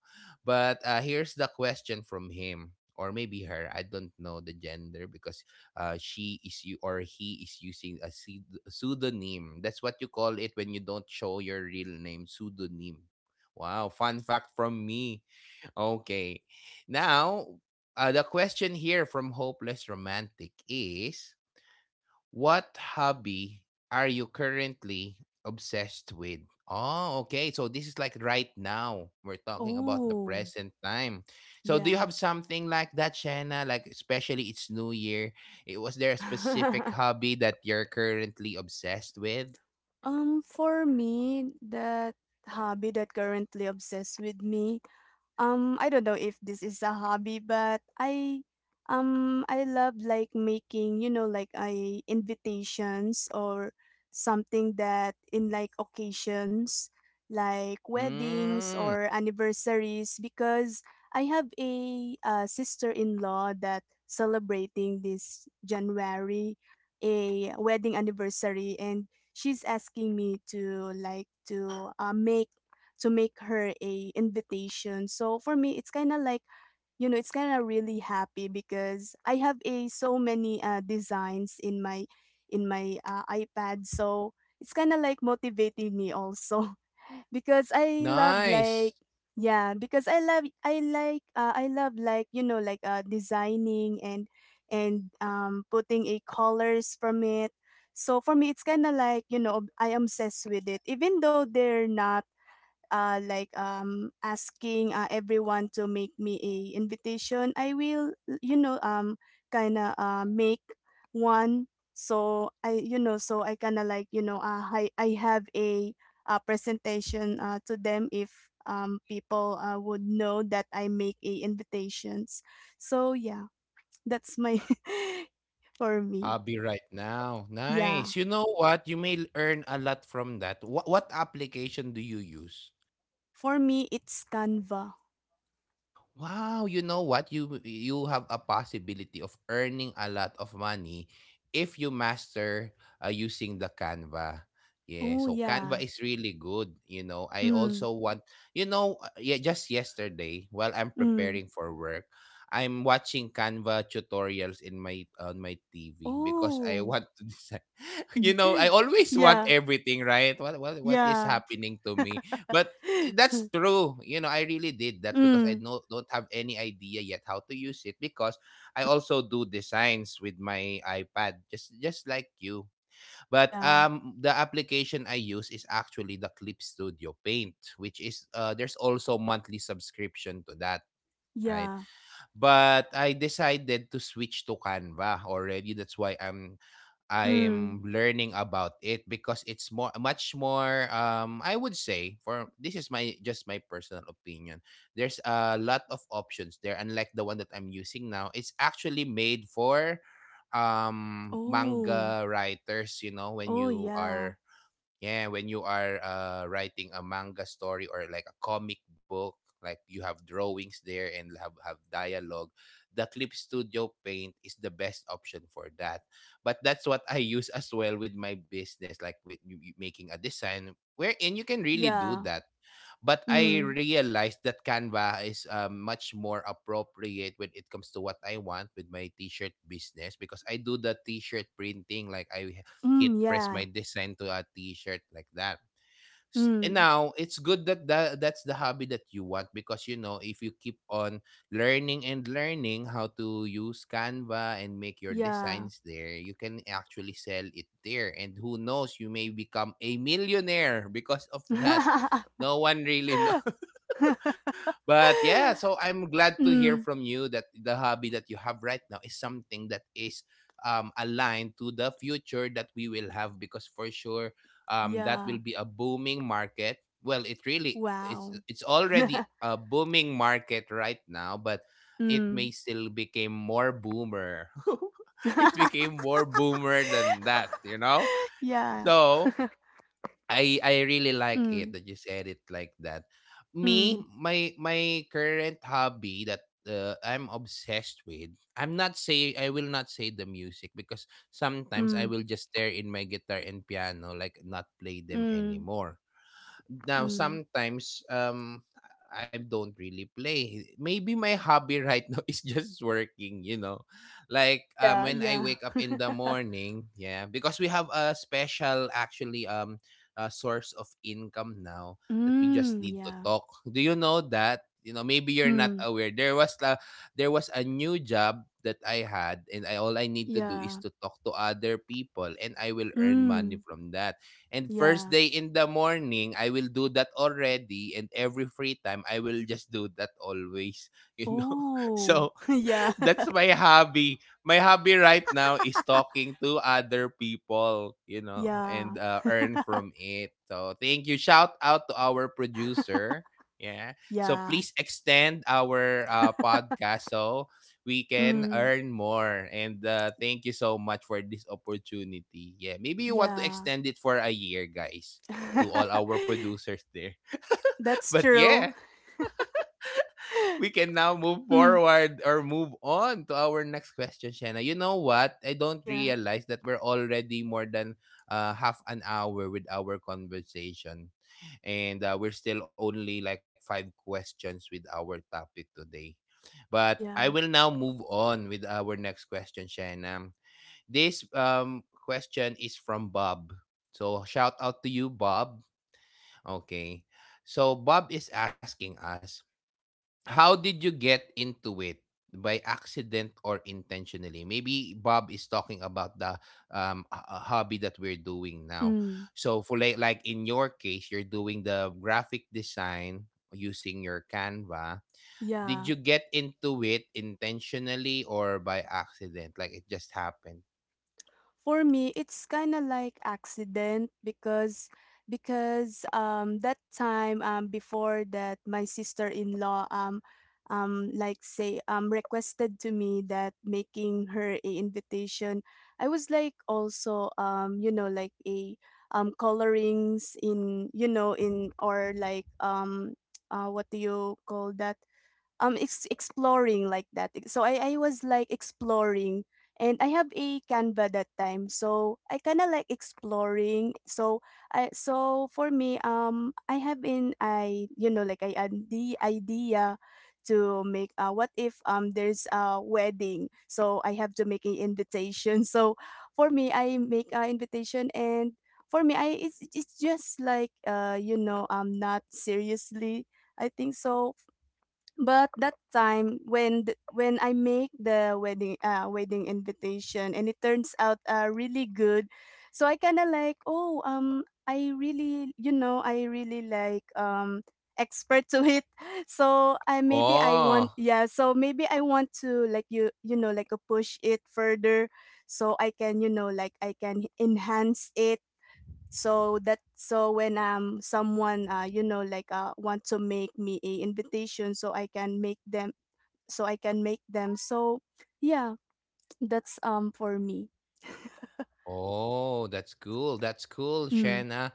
S1: But here's the question from him, or maybe her. I don't know the gender because she is, you, or he is using a pseudonym. That's what you call it when you don't show your real name, pseudonym. Wow, fun fact from me. Okay, now the question here from hopeless romantic is, what hobby are you currently obsessed with? Oh, okay. So this is like right now. We're talking about the
S2: Oh,
S1: present time. So do you
S2: yeah.
S1: have something like that, Shanna? Like, especially it's New Year. It, was there a specific hobby that you're currently obsessed with?
S2: For me, that hobby that currently obsessed with me, I don't know if this is a hobby, but I love like making, you know, like I invitations or something that in like occasions like weddings
S1: Mm,
S2: or anniversaries because I have a sister-in-law that celebrating this January a wedding anniversary, and she's asking me to like to make her a invitation. So for me, it's kind of like, you know, it's kind of really happy because I have a so many designs in my iPad. So it's kind of like motivating me also because I love
S1: nice.
S2: like, yeah, because I like I love like like designing and putting a colors from it. So for me, it's kind of like, you know, I am obsessed with it, even though they're not asking everyone to make me a invitation, I will, you know, um, kind of make one. So I, you know, so I kind of like, you know, I have a, presentation to them if people would know that I make a invitations. So yeah, that's my for me.
S1: Hobby right now.
S2: Yeah,
S1: Nice. You know what? You may earn a lot from that. What application do you use?
S2: for me it's Canva.
S1: Wow, you know what? You have a possibility of earning a lot of money if you master using the Canva. Yeah,
S2: Oh
S1: so Canva
S2: yeah.
S1: is really good, you know. I
S2: Mm.
S1: also want, you know, yeah, just yesterday while I'm
S2: Mm.
S1: preparing for work, I'm watching Canva tutorials in my on my TV because I
S2: Oh.
S1: want to design. You know, I always want
S2: Yeah,
S1: everything, right? What, what is
S2: yeah.
S1: happening to me? But that's true, you know, I really did that because I,
S2: Mm,
S1: no, don't have any idea yet how to use it, because I also do designs with my iPad, just like you, but
S2: yeah,
S1: the application I use is actually the Clip Studio Paint, which is, uh, there's also monthly subscription to that, right.
S2: yeah.
S1: But I decided to switch to Canva already, that's why i'm
S2: Mm.
S1: I'm learning about it, because it's more much more, I would say, for this is my just my personal opinion, there's a lot of options there unlike the one that I'm using now. It's actually made for
S2: Oh,
S1: manga writers, you know, when
S2: oh
S1: you
S2: yeah,
S1: are, yeah, when you are writing a manga story or like a comic book, like you have drawings there and have dialogue, the Clip Studio Paint is the best option for that. But that's what I use as well with my business, like with you making a design, wherein you can really do
S2: yeah.
S1: that. But I
S2: Mm,
S1: realized that Canva is much more appropriate when it comes to what I want with my t-shirt business because I do the t-shirt printing, like I hit
S2: mm,
S1: press my
S2: yeah.
S1: design to a t-shirt like that. And
S2: Mm,
S1: now it's good that that's the hobby that you want, because you know, if you keep on learning and learning how to use Canva and make your
S2: yeah.
S1: designs there, you can actually sell it there, and who knows, you may become a millionaire because of that. No one really. But yeah, so I'm glad to hear
S2: Mm,
S1: from you that the hobby that you have right now is something that is aligned to the future that we will have, because for sure that will
S2: yeah.
S1: be a booming market. Well, it really it's
S2: Wow.
S1: it's already a booming market right now, but it
S2: Mm.
S1: may still become more boomer. It became more boomer than that, you know.
S2: Yeah.
S1: So I really like it
S2: Mm,
S1: that you said it like that. Me,
S2: mm,
S1: my current hobby that I'm obsessed with. I will not say the music, because sometimes I
S2: mm,
S1: will just stare in my guitar and piano, like not play them
S2: mm,
S1: anymore. Now,
S2: mm.
S1: sometimes I don't really play. Maybe my hobby right now is just working, you know. Like
S2: Yeah,
S1: when I
S2: yeah.
S1: wake up in the morning, yeah, because we have a special actually source of income now, that we just
S2: Mm,
S1: need to
S2: yeah.
S1: talk. Do you know that? You know, maybe you're not
S2: Mm,
S1: aware. There was a new job that I had, and I all I need to do is
S2: yeah.
S1: to talk to other people and I will earn money
S2: Mm,
S1: from that. And first
S2: yeah.
S1: day in the morning, I will do that already. And every free time, I will just do that always. You know?
S2: Oh,
S1: So,
S2: yeah.
S1: that's my hobby. My hobby right now is talking to other people and
S2: Yeah.
S1: earn from it. So, thank you. Shout out to our producer. Yeah. So,
S2: Yeah.
S1: please extend our podcast. So, we can
S2: Mm,
S1: earn more. And thank you so much for this opportunity. Yeah, maybe you want to
S2: yeah.
S1: extend it for a year, guys, to all our producers there.
S2: That's
S1: But
S2: true.
S1: yeah, we can now move
S2: Mm,
S1: forward or move on to our next question, Shanna. You know what? I don't
S2: yeah.
S1: realize that we're already more than half an hour with our conversation. And we're still only like five questions with our topic today. But I
S2: Yeah.
S1: will now move on with our next question, Shanna. This question is from Bob. So shout out to you, Bob. Okay. So Bob is asking us, how did you get into it? By accident or intentionally? Maybe Bob is talking about the hobby that we're doing now.
S2: Mm,
S1: So for like in your case, you're doing the graphic design using your Canva. Did
S2: yeah.
S1: you get into it intentionally or by accident? Like it just happened?
S2: For me, it's kind of like accident because that time before that my sister-in-law like say requested to me that making her a invitation. I was like also you know like a colorings in you know in or like what do you call that exploring like that so I was like exploring, and I have a Canva that time, so I kind of like exploring. So for me, I have been, I you know like, I had the idea to make what if there's a wedding, so I have to make an invitation. So for me, I make an invitation. And for me, it's just like you know, I'm not seriously, I think so. But that time when when I make the wedding invitation and it turns out really good, so I kind of like, oh, I really, you know, I really like, expert to it. So I maybe I want,
S1: Oh,
S2: yeah, so maybe I want to like, you know like, push it further, so I can, you know, like I can enhance it, so that, so when someone you know like want to make me a invitation so I can make them, so yeah, that's, for me.
S1: Oh, that's cool. That's cool,
S2: Mm.
S1: Shanna.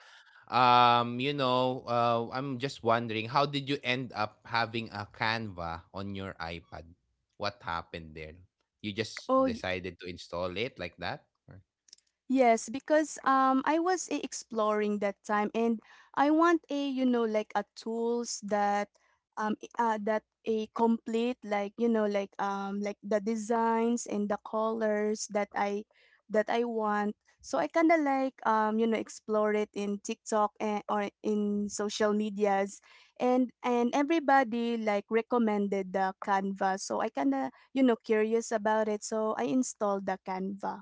S1: I'm just wondering, how did you end up having a Canva on your iPad? What happened there? You just
S2: Oh,
S1: decided to install it like that?
S2: yes, because I was exploring that time, and I want a, you know, like a tools that that a complete, like, you know, like the designs and the colors that I want. So I kind of like, you know, explore it in TikTok or in social medias, and everybody like recommended the Canva. So I kind of, you know, curious about it. So I installed the Canva.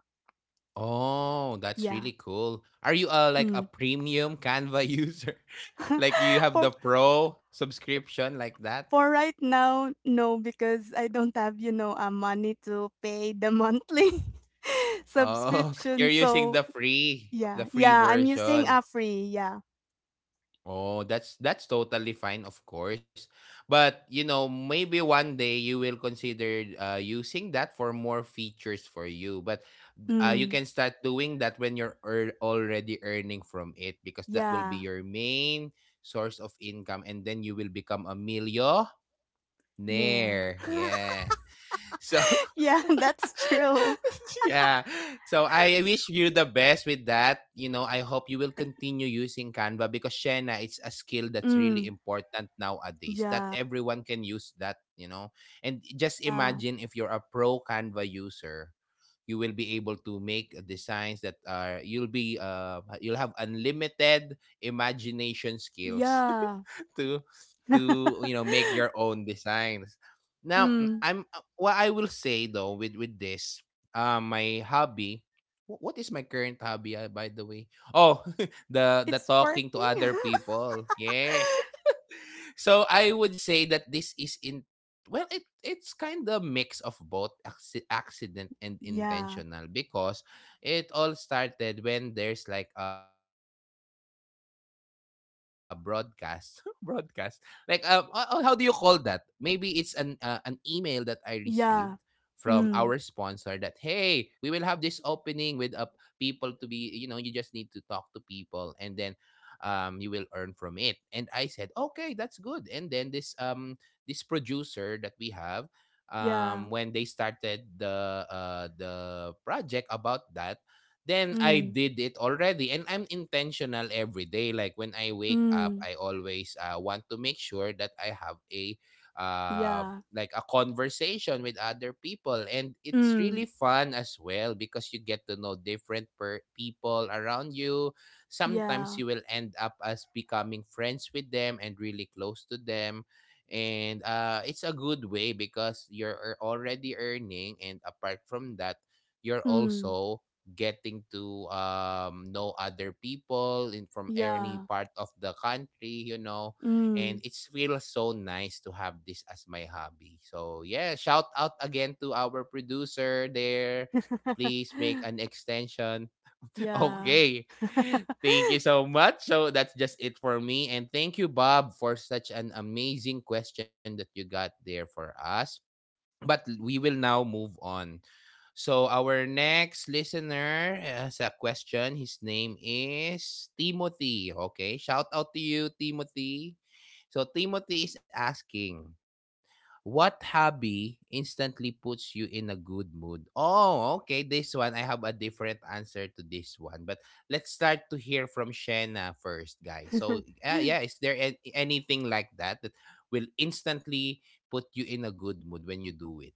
S1: Oh, that's
S2: Yeah.
S1: really cool. Are you like a
S2: Mm.
S1: premium Canva user? Like you have
S2: for
S1: the pro subscription like that?
S2: for right now, no, because I don't have, you know, money to pay the monthly
S1: Oh, you're
S2: subscription.
S1: using
S2: So
S1: the free, the
S2: yeah,
S1: free
S2: yeah, I'm using
S1: version.
S2: a free. Yeah,
S1: Oh, that's totally fine, of course. But maybe one day you will consider using that for more features for you. But you
S2: mm,
S1: can start doing that when you're already earning from it, because that will be
S2: yeah,
S1: your main source of income, and then you will become a
S2: Nair.
S1: millionaire. Yeah. So
S2: Yeah, that's true.
S1: yeah. So I wish you the best with that. You know, I hope you will continue using Canva because, Shena, it's a skill that's really
S2: Mm,
S1: important nowadays. That
S2: yeah,
S1: everyone can use that. And just
S2: yeah,
S1: imagine if you're a pro Canva user, you will be able to make designs that are you'll be you'll have unlimited imagination skills.
S2: yeah.
S1: to to you know make your own designs. Now,
S2: Mm,
S1: I'm what I will say though with this, my hobby. What is my current hobby, by the way? Oh, the
S2: it's
S1: talking to
S2: working.
S1: other people. Yeah, so I would say that this is in well it it's kind of mix of both accident and
S2: Yeah,
S1: intentional, because it all started when there's like a broadcast, broadcast, like how do you call that, maybe it's an email that I received from our sponsor
S2: yeah.
S1: that, hey,
S2: Mm,
S1: we will have this opening with people to be you know you just need to talk to people, and then you will earn from it. And I said, okay, that's good. And then this this producer that we have, when
S2: yeah.
S1: they started the project about that, then I
S2: Mm,
S1: did it already. And I'm intentional every day. Like when I wake up,
S2: mm,
S1: I always want to make sure that I have uh,
S2: yeah.
S1: a conversation with other people, and it's
S2: Mm.
S1: really fun as well, because you get to know different people around you. Sometimes
S2: Yeah.
S1: you will end up as becoming friends with them and really close to them. And it's a good way, because you're already earning, and apart from that, you're
S2: Mm.
S1: also getting to know other people in, from any
S2: Yeah.
S1: part of the country. And
S2: Mm.
S1: it feels so nice to have this as my hobby. So yeah, shout out again to our producer there. Please make an extension.
S2: Yeah.
S1: Okay. Thank you so much. So that's just it for me. And thank you, Bob, for such an amazing question that you got there for us. But we will now move on. So our next listener has a question. His name is Timothy. Okay. Shout out to you, Timothy. So Timothy is asking, what hobby instantly puts you in a good mood? Oh, okay. This one, I have a different answer to this one. But let's start to hear from Shanna first, guys. So, yeah, is there anything like that that will instantly put you in a good mood when you do it?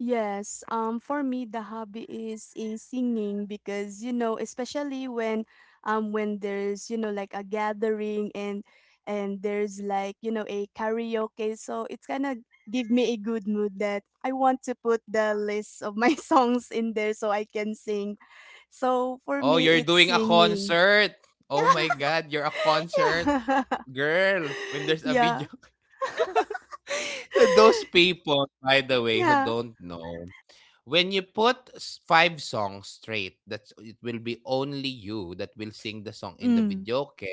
S2: Yes. For me, the hobby is in singing, because you know, especially when there's, you know, like a gathering, and there's like, you know, a karaoke. So it's gonna give me a good mood, that I want to put the list of my songs in there so I can sing. So for
S1: Oh,
S2: me
S1: you're
S2: it's
S1: doing a
S2: singing.
S1: concert. Oh
S2: Yeah.
S1: my God, you're a concert
S2: Yeah.
S1: girl. When there's a
S2: Yeah,
S1: video, so those people, by the way, who
S2: yeah.
S1: don't know, when you put five songs straight, that's, it will be only you that will sing the song in the
S2: Mm.
S1: videoke.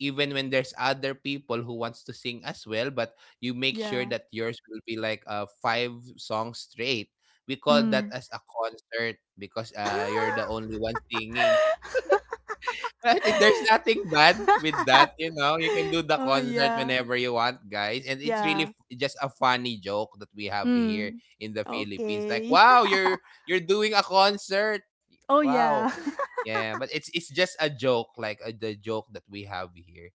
S1: Even when there's other people who wants to sing as well, but you make sure
S2: Yeah.
S1: that yours will be like five songs straight. We call that
S2: Mm.
S1: as a concert because you're the only one singing. Right, there's nothing bad with that, you know? You can do the
S2: Oh,
S1: concert
S2: yeah.
S1: whenever you want, guys. And it's really
S2: Yeah.
S1: just a funny joke that we have here
S2: Mm.
S1: in the Philippines. Like,
S2: Okay.
S1: wow, you're doing a concert.
S2: Oh,
S1: Wow.
S2: yeah.
S1: Yeah, but it's just a joke, like the joke that we have here.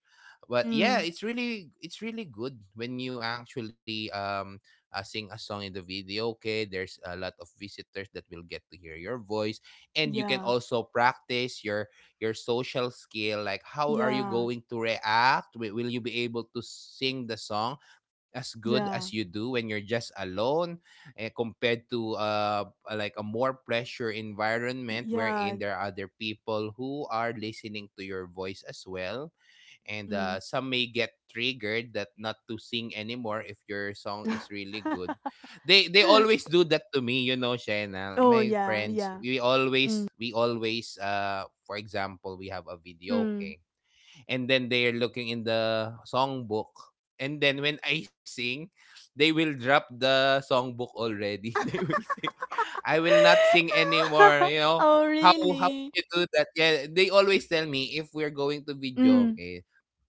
S1: But yeah,
S2: Mm.
S1: it's really good when you actually sing a song in the video. Okay, there's a lot of visitors that will get to hear your voice, and you can
S2: Yeah.
S1: also practice your social skill. Like how are you
S2: Yeah.
S1: going to react? Will you be able to sing the song as good as
S2: Yeah.
S1: you do when you're just alone? Compared to like a more pressure environment, wherein
S2: Yeah.
S1: there are other people who are listening to your voice as well. And
S2: Mm.
S1: some may get triggered that not to sing anymore if your song is really good. They always do that to me, Shena.
S2: Oh,
S1: My
S2: yeah.
S1: friends,
S2: Yeah.
S1: we
S2: Mm.
S1: always we always for example, we have a video.
S2: Mm.
S1: Okay, and then they are looking in the songbook, and then when I sing, they will drop the songbook already, they will say, I will not sing anymore.
S2: Oh,
S1: How how can
S2: really?
S1: you do that? Yeah, they always tell me, if we're going to video,
S2: Mm.
S1: okay,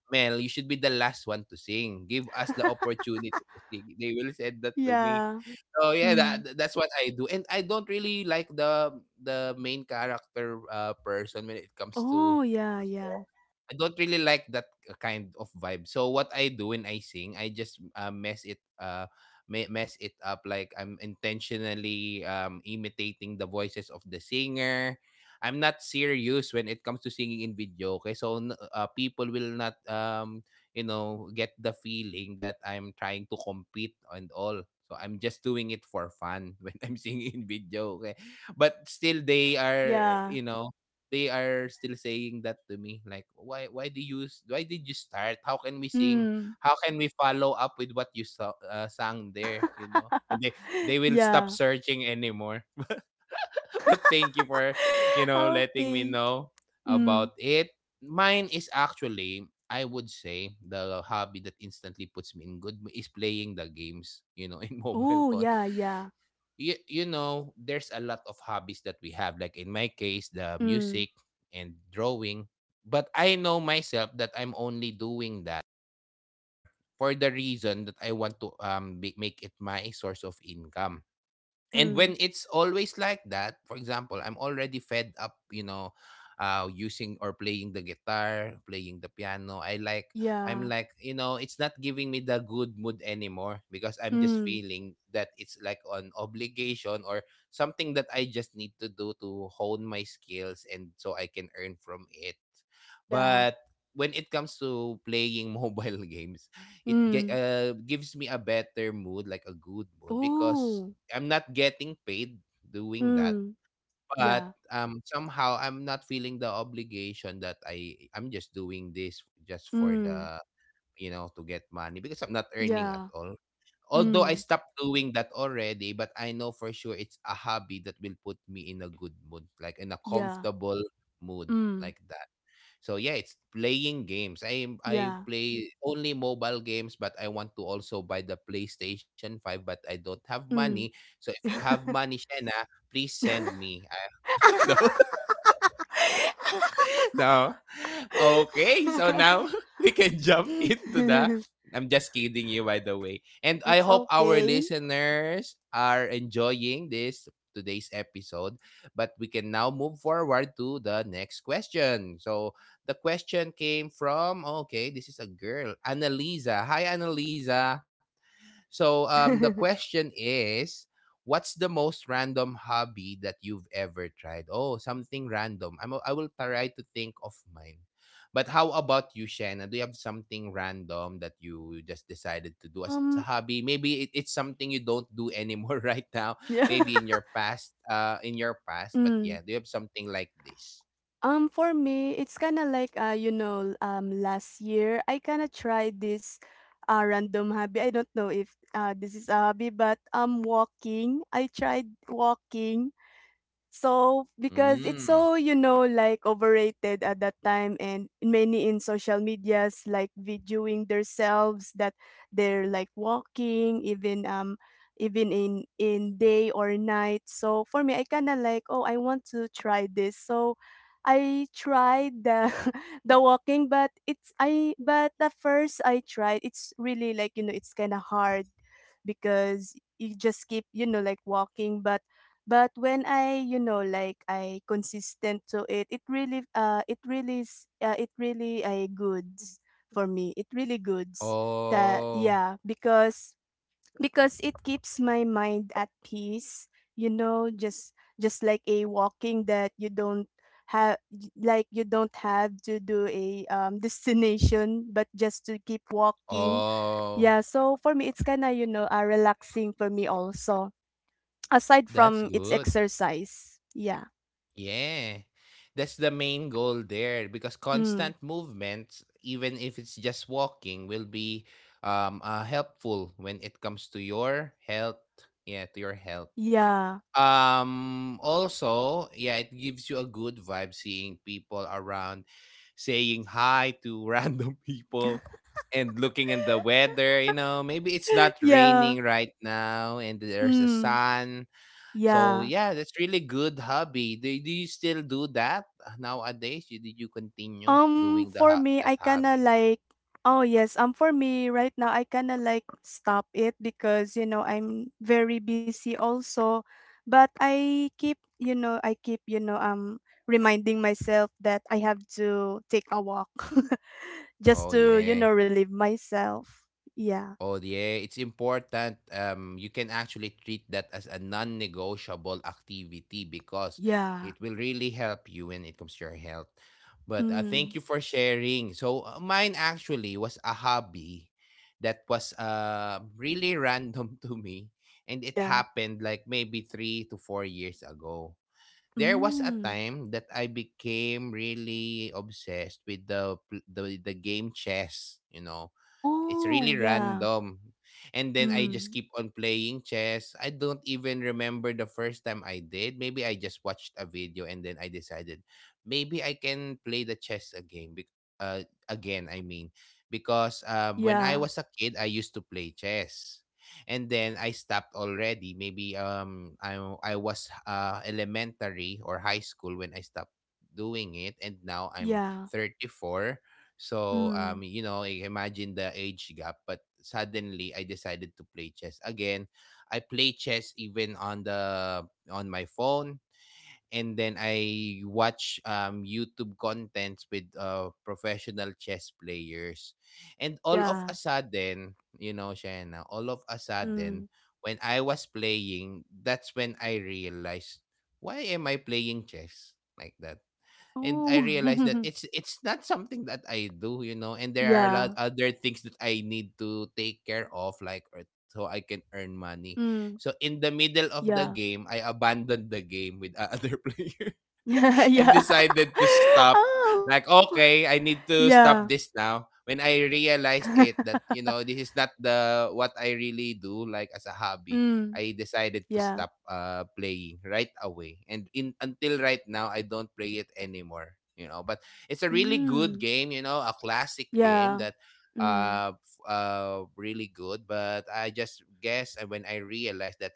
S1: Mel, you should be the last one to sing, give us the opportunity to sing. They will say that to me.
S2: Yeah.
S1: So yeah,
S2: Mm.
S1: that's what I do. And I don't really like the main character person when it comes to
S2: Oh, yeah,
S1: to
S2: yeah,
S1: songs. I don't really like that kind of vibe. So what I do when I sing, I just mess it up, like I'm intentionally imitating the voices of the singer. I'm not serious when it comes to singing in video. Okay, so people will not get the feeling that I'm trying to compete and all. So I'm just doing it for fun when I'm singing in video. Okay. But still they are,
S2: yeah.
S1: you know, they are still saying that to me, like, why did you start? How can we sing?
S2: Mm.
S1: How can we follow up with what you sang there? And they will stop
S2: Yeah.
S1: searching anymore. But thank you for, you know, letting me
S2: Okay.
S1: know
S2: Mm.
S1: about it. Mine is actually, I would say, the hobby that instantly puts me in is playing the games, in mobile
S2: Oh,
S1: phone.
S2: yeah, yeah.
S1: There's a lot of hobbies that we have. Like in my case, the
S2: Mm.
S1: music and drawing. But I know myself that I'm only doing that for the reason that I want to make it my source of income. And when
S2: Mm.
S1: it's always like that, for example, I'm already fed up, using or playing the guitar, playing the piano. i like i'm
S2: Yeah.
S1: like it's not giving me the good mood anymore because I'm just
S2: Mm.
S1: feeling that it's like an obligation or something that I just need to do to hone my skills and so I can earn from it.
S2: Yeah.
S1: But when it comes to playing mobile games, it ge-
S2: Mm.
S1: uh, gives me a better mood, like a good mood, because
S2: Oh.
S1: I'm not getting paid doing that,
S2: Mm.
S1: but
S2: Yeah.
S1: somehow I'm not feeling the obligation that I'm just doing this just for
S2: Mm.
S1: the you know to get money because I'm not earning at
S2: Yeah.
S1: all. Although I
S2: Mm.
S1: stopped doing that already, but I know for sure it's a hobby that will put me in a good mood, like in a
S2: Yeah.
S1: comfortable mood
S2: Mm.
S1: like that. So yeah, it's playing games. I
S2: Yeah.
S1: play only mobile games, but I want to also buy the PlayStation 5, but I don't have money.
S2: Mm.
S1: So if you have money, Shena, please send me. No. No. Okay, so now we can jump into the. I'm just kidding you, by the way. And I
S2: It's
S1: hope our
S2: okay.
S1: listeners are enjoying this today's episode. But we can now move forward to the next question. So the question came from, okay, this is a girl, Annalisa. Hi, Annalisa. So the question is, what's the most random hobby that you've ever tried? Oh, something random. I will try to think of mine. But how about you, Shanna? Do you have something random that you just decided to do as a
S2: Um,
S1: hobby? Maybe it's something you don't do anymore right now.
S2: Yeah.
S1: Maybe in your past, uh, in your past. But
S2: Mm.
S1: yeah, do you have something like this?
S2: For me, it's kind of like you know, last year I kind of tried this random hobby. I don't know if this is a hobby, but walking. I tried walking. So because it's
S1: Mm.
S2: so, you know, like overrated at that time, and many in social medias like videoing themselves that they're like walking, even even in day or night. So for me, I kind of like, oh, I want to try this. So I tried the the walking, but it's I but at first I tried, it's really like, you know, it's kind of hard, because you just keep, you know, like walking, but when I, you know, like I consistent to it, it really, it really, it really, I goods for me. It really goods that,
S1: Oh,
S2: yeah, because it keeps my mind at peace. You know, just like a walking that you don't have, like you don't have to do a destination, but just to keep walking.
S1: oh,
S2: Yeah, so for me, it's kind of, you know, relaxing for me also. Aside
S1: that's
S2: from its
S1: good.
S2: exercise. Yeah.
S1: Yeah. That's the main goal there because constant
S2: Mm.
S1: movements, even if it's just walking, will be helpful when it comes to your health. Yeah, to your health.
S2: Yeah.
S1: Also, yeah, it gives you a good vibe, seeing people around, saying hi to random people, and looking at the weather, maybe it's not
S2: Yeah.
S1: raining right now and there's a
S2: Mm.
S1: sun, so
S2: Yeah.
S1: yeah, that's really good hobby. Do you still do that nowadays? Did you continue doing
S2: For me,
S1: that
S2: I kinda
S1: hobby?
S2: like, oh yes, for me right now, I kinda like stop it, because you know, I'm very busy also. But I keep, you know, I keep, you know, reminding myself that I have to take a walk,
S1: Oh
S2: just to, you
S1: yeah.
S2: know, relieve myself. Yeah.
S1: Oh yeah, it's important. You can actually treat that as a non-negotiable activity because
S2: Yeah.
S1: it will really help you when it comes to your health. But thank
S2: Mm.
S1: you for sharing. So mine actually was a hobby that was really random to me, and it
S2: Yeah.
S1: happened like maybe 3 to 4 years ago. There was a
S2: Mm.
S1: time that I became really obsessed with the pl- the game chess. It's
S2: Oh,
S1: really
S2: yeah.
S1: random. And then I
S2: Mm.
S1: just keep on playing chess. I don't even remember the first time I did. Maybe I just watched a video and then I decided maybe I can play the chess again. Again, I mean, because when I
S2: Yeah.
S1: was a kid, I used to play chess, and then I stopped already. Maybe I was elementary or high school when I stopped doing it, and now I'm
S2: Yeah.
S1: 34. So,
S2: Mm.
S1: I imagine the age gap, but suddenly I decided to play chess again. I play chess even on my phone, and then I watch YouTube contents with professional chess players. And all of
S2: Yeah.
S1: a sudden, Shaina, all of a
S2: Mm.
S1: sudden when I was playing, that's when I realized, why am I playing chess like that? And I
S2: Oh.
S1: realized that it's not something that I do, and there are a lot
S2: Yeah.
S1: other things that I need to take care of, like, or so I can earn
S2: Mm.
S1: money. So in the middle
S2: Yeah.
S1: of the game, I abandoned the game with other players
S2: Yeah.
S1: and
S2: Yeah.
S1: decided to stop.
S2: Oh.
S1: Like, okay, I need
S2: Yeah.
S1: to stop this now. When I realized it that, this is not the what I really do, like, as a hobby,
S2: Mm.
S1: I decided to
S2: Yeah.
S1: stop playing right away. And in until right now I don't play it anymore. But it's a really good
S2: Mm.
S1: game, a classic game
S2: Yeah.
S1: that
S2: Mm.
S1: really good, but I just guess when I realized that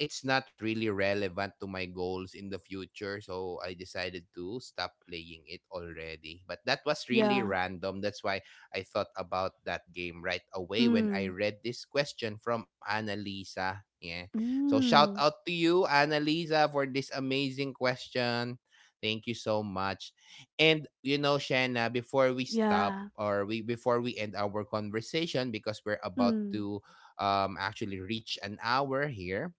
S1: it's not really relevant to my goals in the future, so I decided to stop playing it already. But that was really
S2: Yeah.
S1: random. That's why I thought about that game right away when
S2: Mm.
S1: I read this question from Annalisa, yeah. So shout
S2: Mm.
S1: out to you, Annalisa, for this amazing question. Thank you so much. And, Shanna, before we stop,
S2: Yeah.
S1: or we before we end our conversation, because we're about
S2: Mm.
S1: to actually reach an hour here,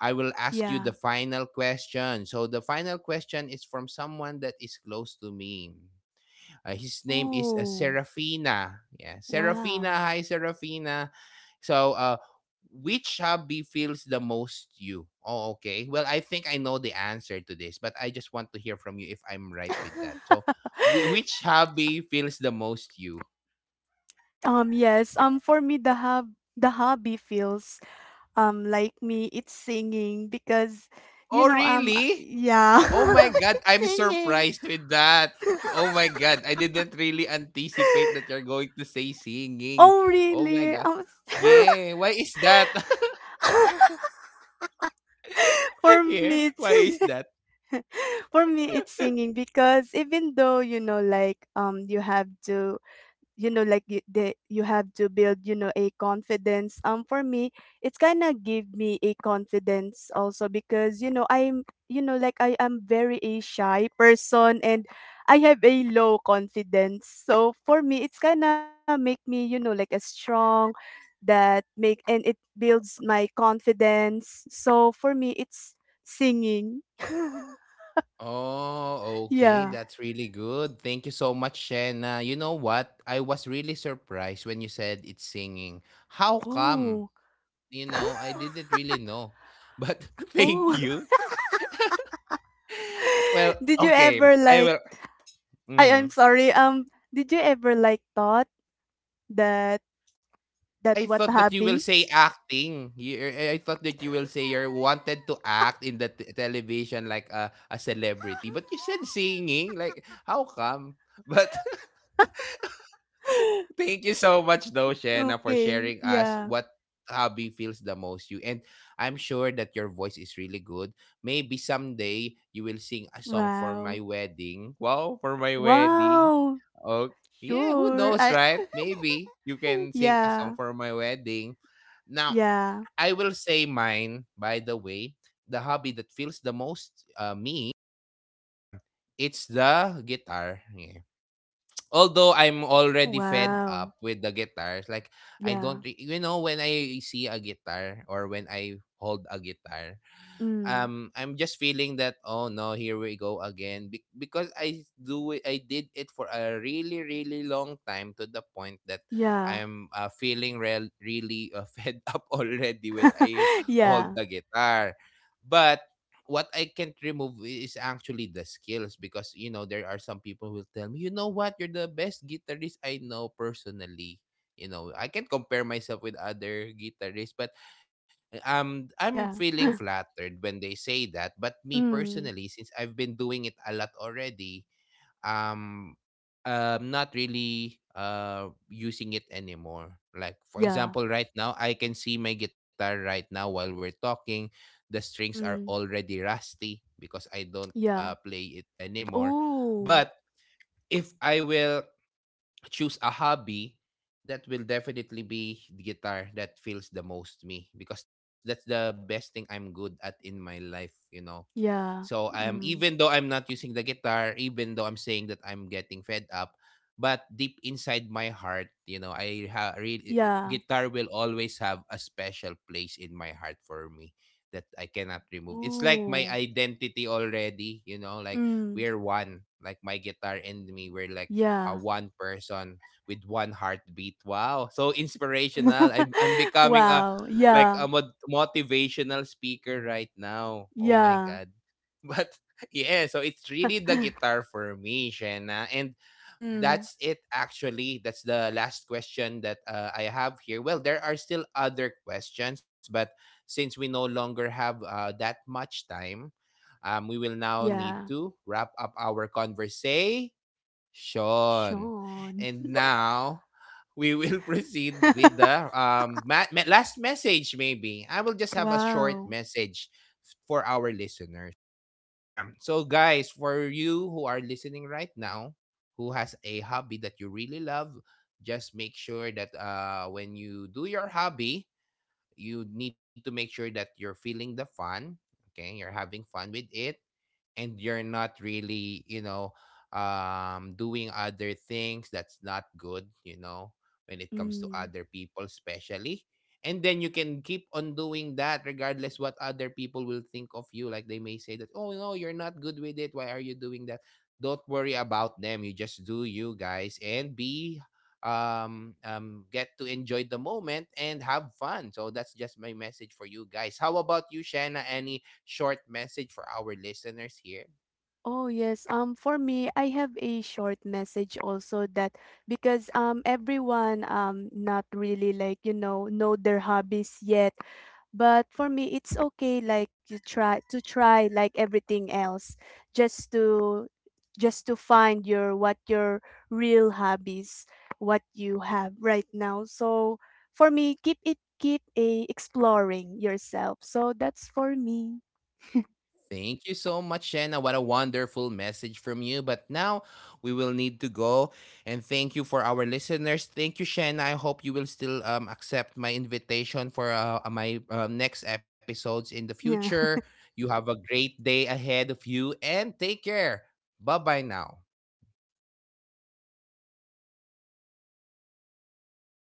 S1: I will ask you the
S2: Yeah.
S1: final question. So the final question is from someone that is close to me. His name is
S2: Oh,
S1: Serafina. Yeah, Serafina.
S2: wow.
S1: Hi, Serafina. So, which hobby feels the most you? Oh, okay. Well, I think I know the answer to this, but I just want to hear from you if I'm right with that. So, which hobby feels the most you?
S2: Yes. For me, the hub the hobby feels like me, it's singing, because you
S1: Oh,
S2: know
S1: really?
S2: yeah,
S1: Oh my God,
S2: it's
S1: I'm
S2: singing.
S1: surprised with that. Oh my God, I didn't really anticipate that you're going to say singing.
S2: Oh
S1: Oh my
S2: really?
S1: God. Yeah, why is that?
S2: For
S1: Yeah,
S2: me it's,
S1: why is that?
S2: for me it's singing, because even though you know like you have to, you know like you have to build, you know, a confidence. For me, it's kind of give me a confidence also, because you know, I'm you know like, I am very a shy person, and I have a low confidence. So for me, it's kind of make me, you know, like a strong, that make and it builds my confidence. So for me it's singing.
S1: Oh, okay.
S2: Yeah.
S1: That's really good. Thank you so much, Shena. You know what? I was really surprised when you said it's singing. How come?
S2: Oh.
S1: I didn't really know. But thank
S2: Oh.
S1: you. Well,
S2: Did you
S1: okay.
S2: ever
S1: I will.
S2: like, I
S1: Mhm.
S2: I'm sorry, did you ever like thought that
S1: I
S2: what
S1: thought that you will
S2: hobby?
S1: say acting. You, I thought that you will say you wanted to act in the television like a celebrity. But you said singing. Like, how come? But thank you so much though, Shena, for
S2: Okay,
S1: sharing us
S2: yeah.
S1: what hobby feels the most you. And I'm sure that your voice is really good. Maybe someday you will sing a song for my
S2: Wow.
S1: wedding. Wow, for my wedding.
S2: Wow.
S1: Oh, yeah, who
S2: Sure.
S1: knows,
S2: I
S1: right? Maybe you can sing a song
S2: yeah.
S1: for my wedding. Now,
S2: Yeah.
S1: I will say mine, by the way. The hobby that feels the most me, it's the guitar. Yeah. Although I'm
S2: Oh
S1: already fed
S2: wow.
S1: up with the guitars, like I don't,
S2: Yeah.
S1: re-, when I see a guitar or when I hold a guitar,
S2: Mm.
S1: I'm just feeling that, oh no, here we go again. Because I did it for a really really long time, to the point that
S2: Yeah.
S1: I'm feeling really fed up already when I hold
S2: Yeah.
S1: the guitar, but what I can't remove is actually the skills, because there are some people who will tell me, you know what, you're the best guitarist I know personally. I can't compare myself with other guitarists, but I'm
S2: Yeah.
S1: feeling flattered when they say that, but me
S2: Mm.
S1: personally, since I've been doing it a lot already, um I'm not really using it anymore. Like, for
S2: Yeah.
S1: example, right now I can see my guitar right now while we're talking. The strings are
S2: Mm.
S1: already rusty because I don't
S2: Yeah.
S1: play it anymore. But
S2: Oh.
S1: if I will choose a hobby, that will definitely be the guitar that feels the most me, because that's the best thing I'm good at in my life. So,
S2: Yeah.
S1: I'm even though
S2: Mm.
S1: I'm not using the guitar, even though I'm saying that I'm getting fed up, but deep inside my heart, really,
S2: Yeah.
S1: guitar will always have a special place in my heart for me that I cannot remove. It's like my
S2: Oh.
S1: identity already, like
S2: Mm.
S1: we're one, like my guitar and me, we're like
S2: Yeah.
S1: one person with one heartbeat. Wow, so inspirational. I'm becoming a
S2: Wow,
S1: like
S2: yeah,
S1: a motivational speaker right now. Oh my
S2: yeah.
S1: God. But yeah, so it's really the guitar for me, Shena. And
S2: Mm,
S1: that's it actually. That's the last question that I have here. Well, there are still other questions, but since we no longer have that much time, we will now need
S2: yeah,
S1: to wrap up our conversation, Sean.
S2: Sean.
S1: And now we will proceed with the last message maybe. I will just have a short
S2: Wow.
S1: message for our listeners. So guys, for you who are listening right now, who has a hobby that you really love, just make sure that when you do your hobby, you need to make sure that you're feeling the fun, okay? You're having fun with it, and you're not really doing other things that's not good, when it comes to
S2: Mm.
S1: other people, especially. And then you can keep on doing that regardless what other people will think of you. Like, they may say that, oh no, you're not good with it, why are you doing that? Don't worry about them. You just do you, guys, and be get to enjoy the moment and have fun. So that's just my message for you guys. How about you, Shanna? Any short message for our listeners here?
S2: Oh yes. For me, I have a short message also, that because everyone not really like, you know their hobbies yet. But for me, it's okay, like you try to try like everything else, just to find your, what your real hobbies, what you have right now. So for me, keep it, keep a exploring yourself. So that's for me.
S1: Thank you so much, Shanna. What a wonderful message from you. But now we will need to go. And thank you for our listeners. Thank you, Shanna. I hope you will still accept my invitation for my next episodes in the
S2: Yeah.
S1: future. You have a great day ahead of you and take care. Bye bye now.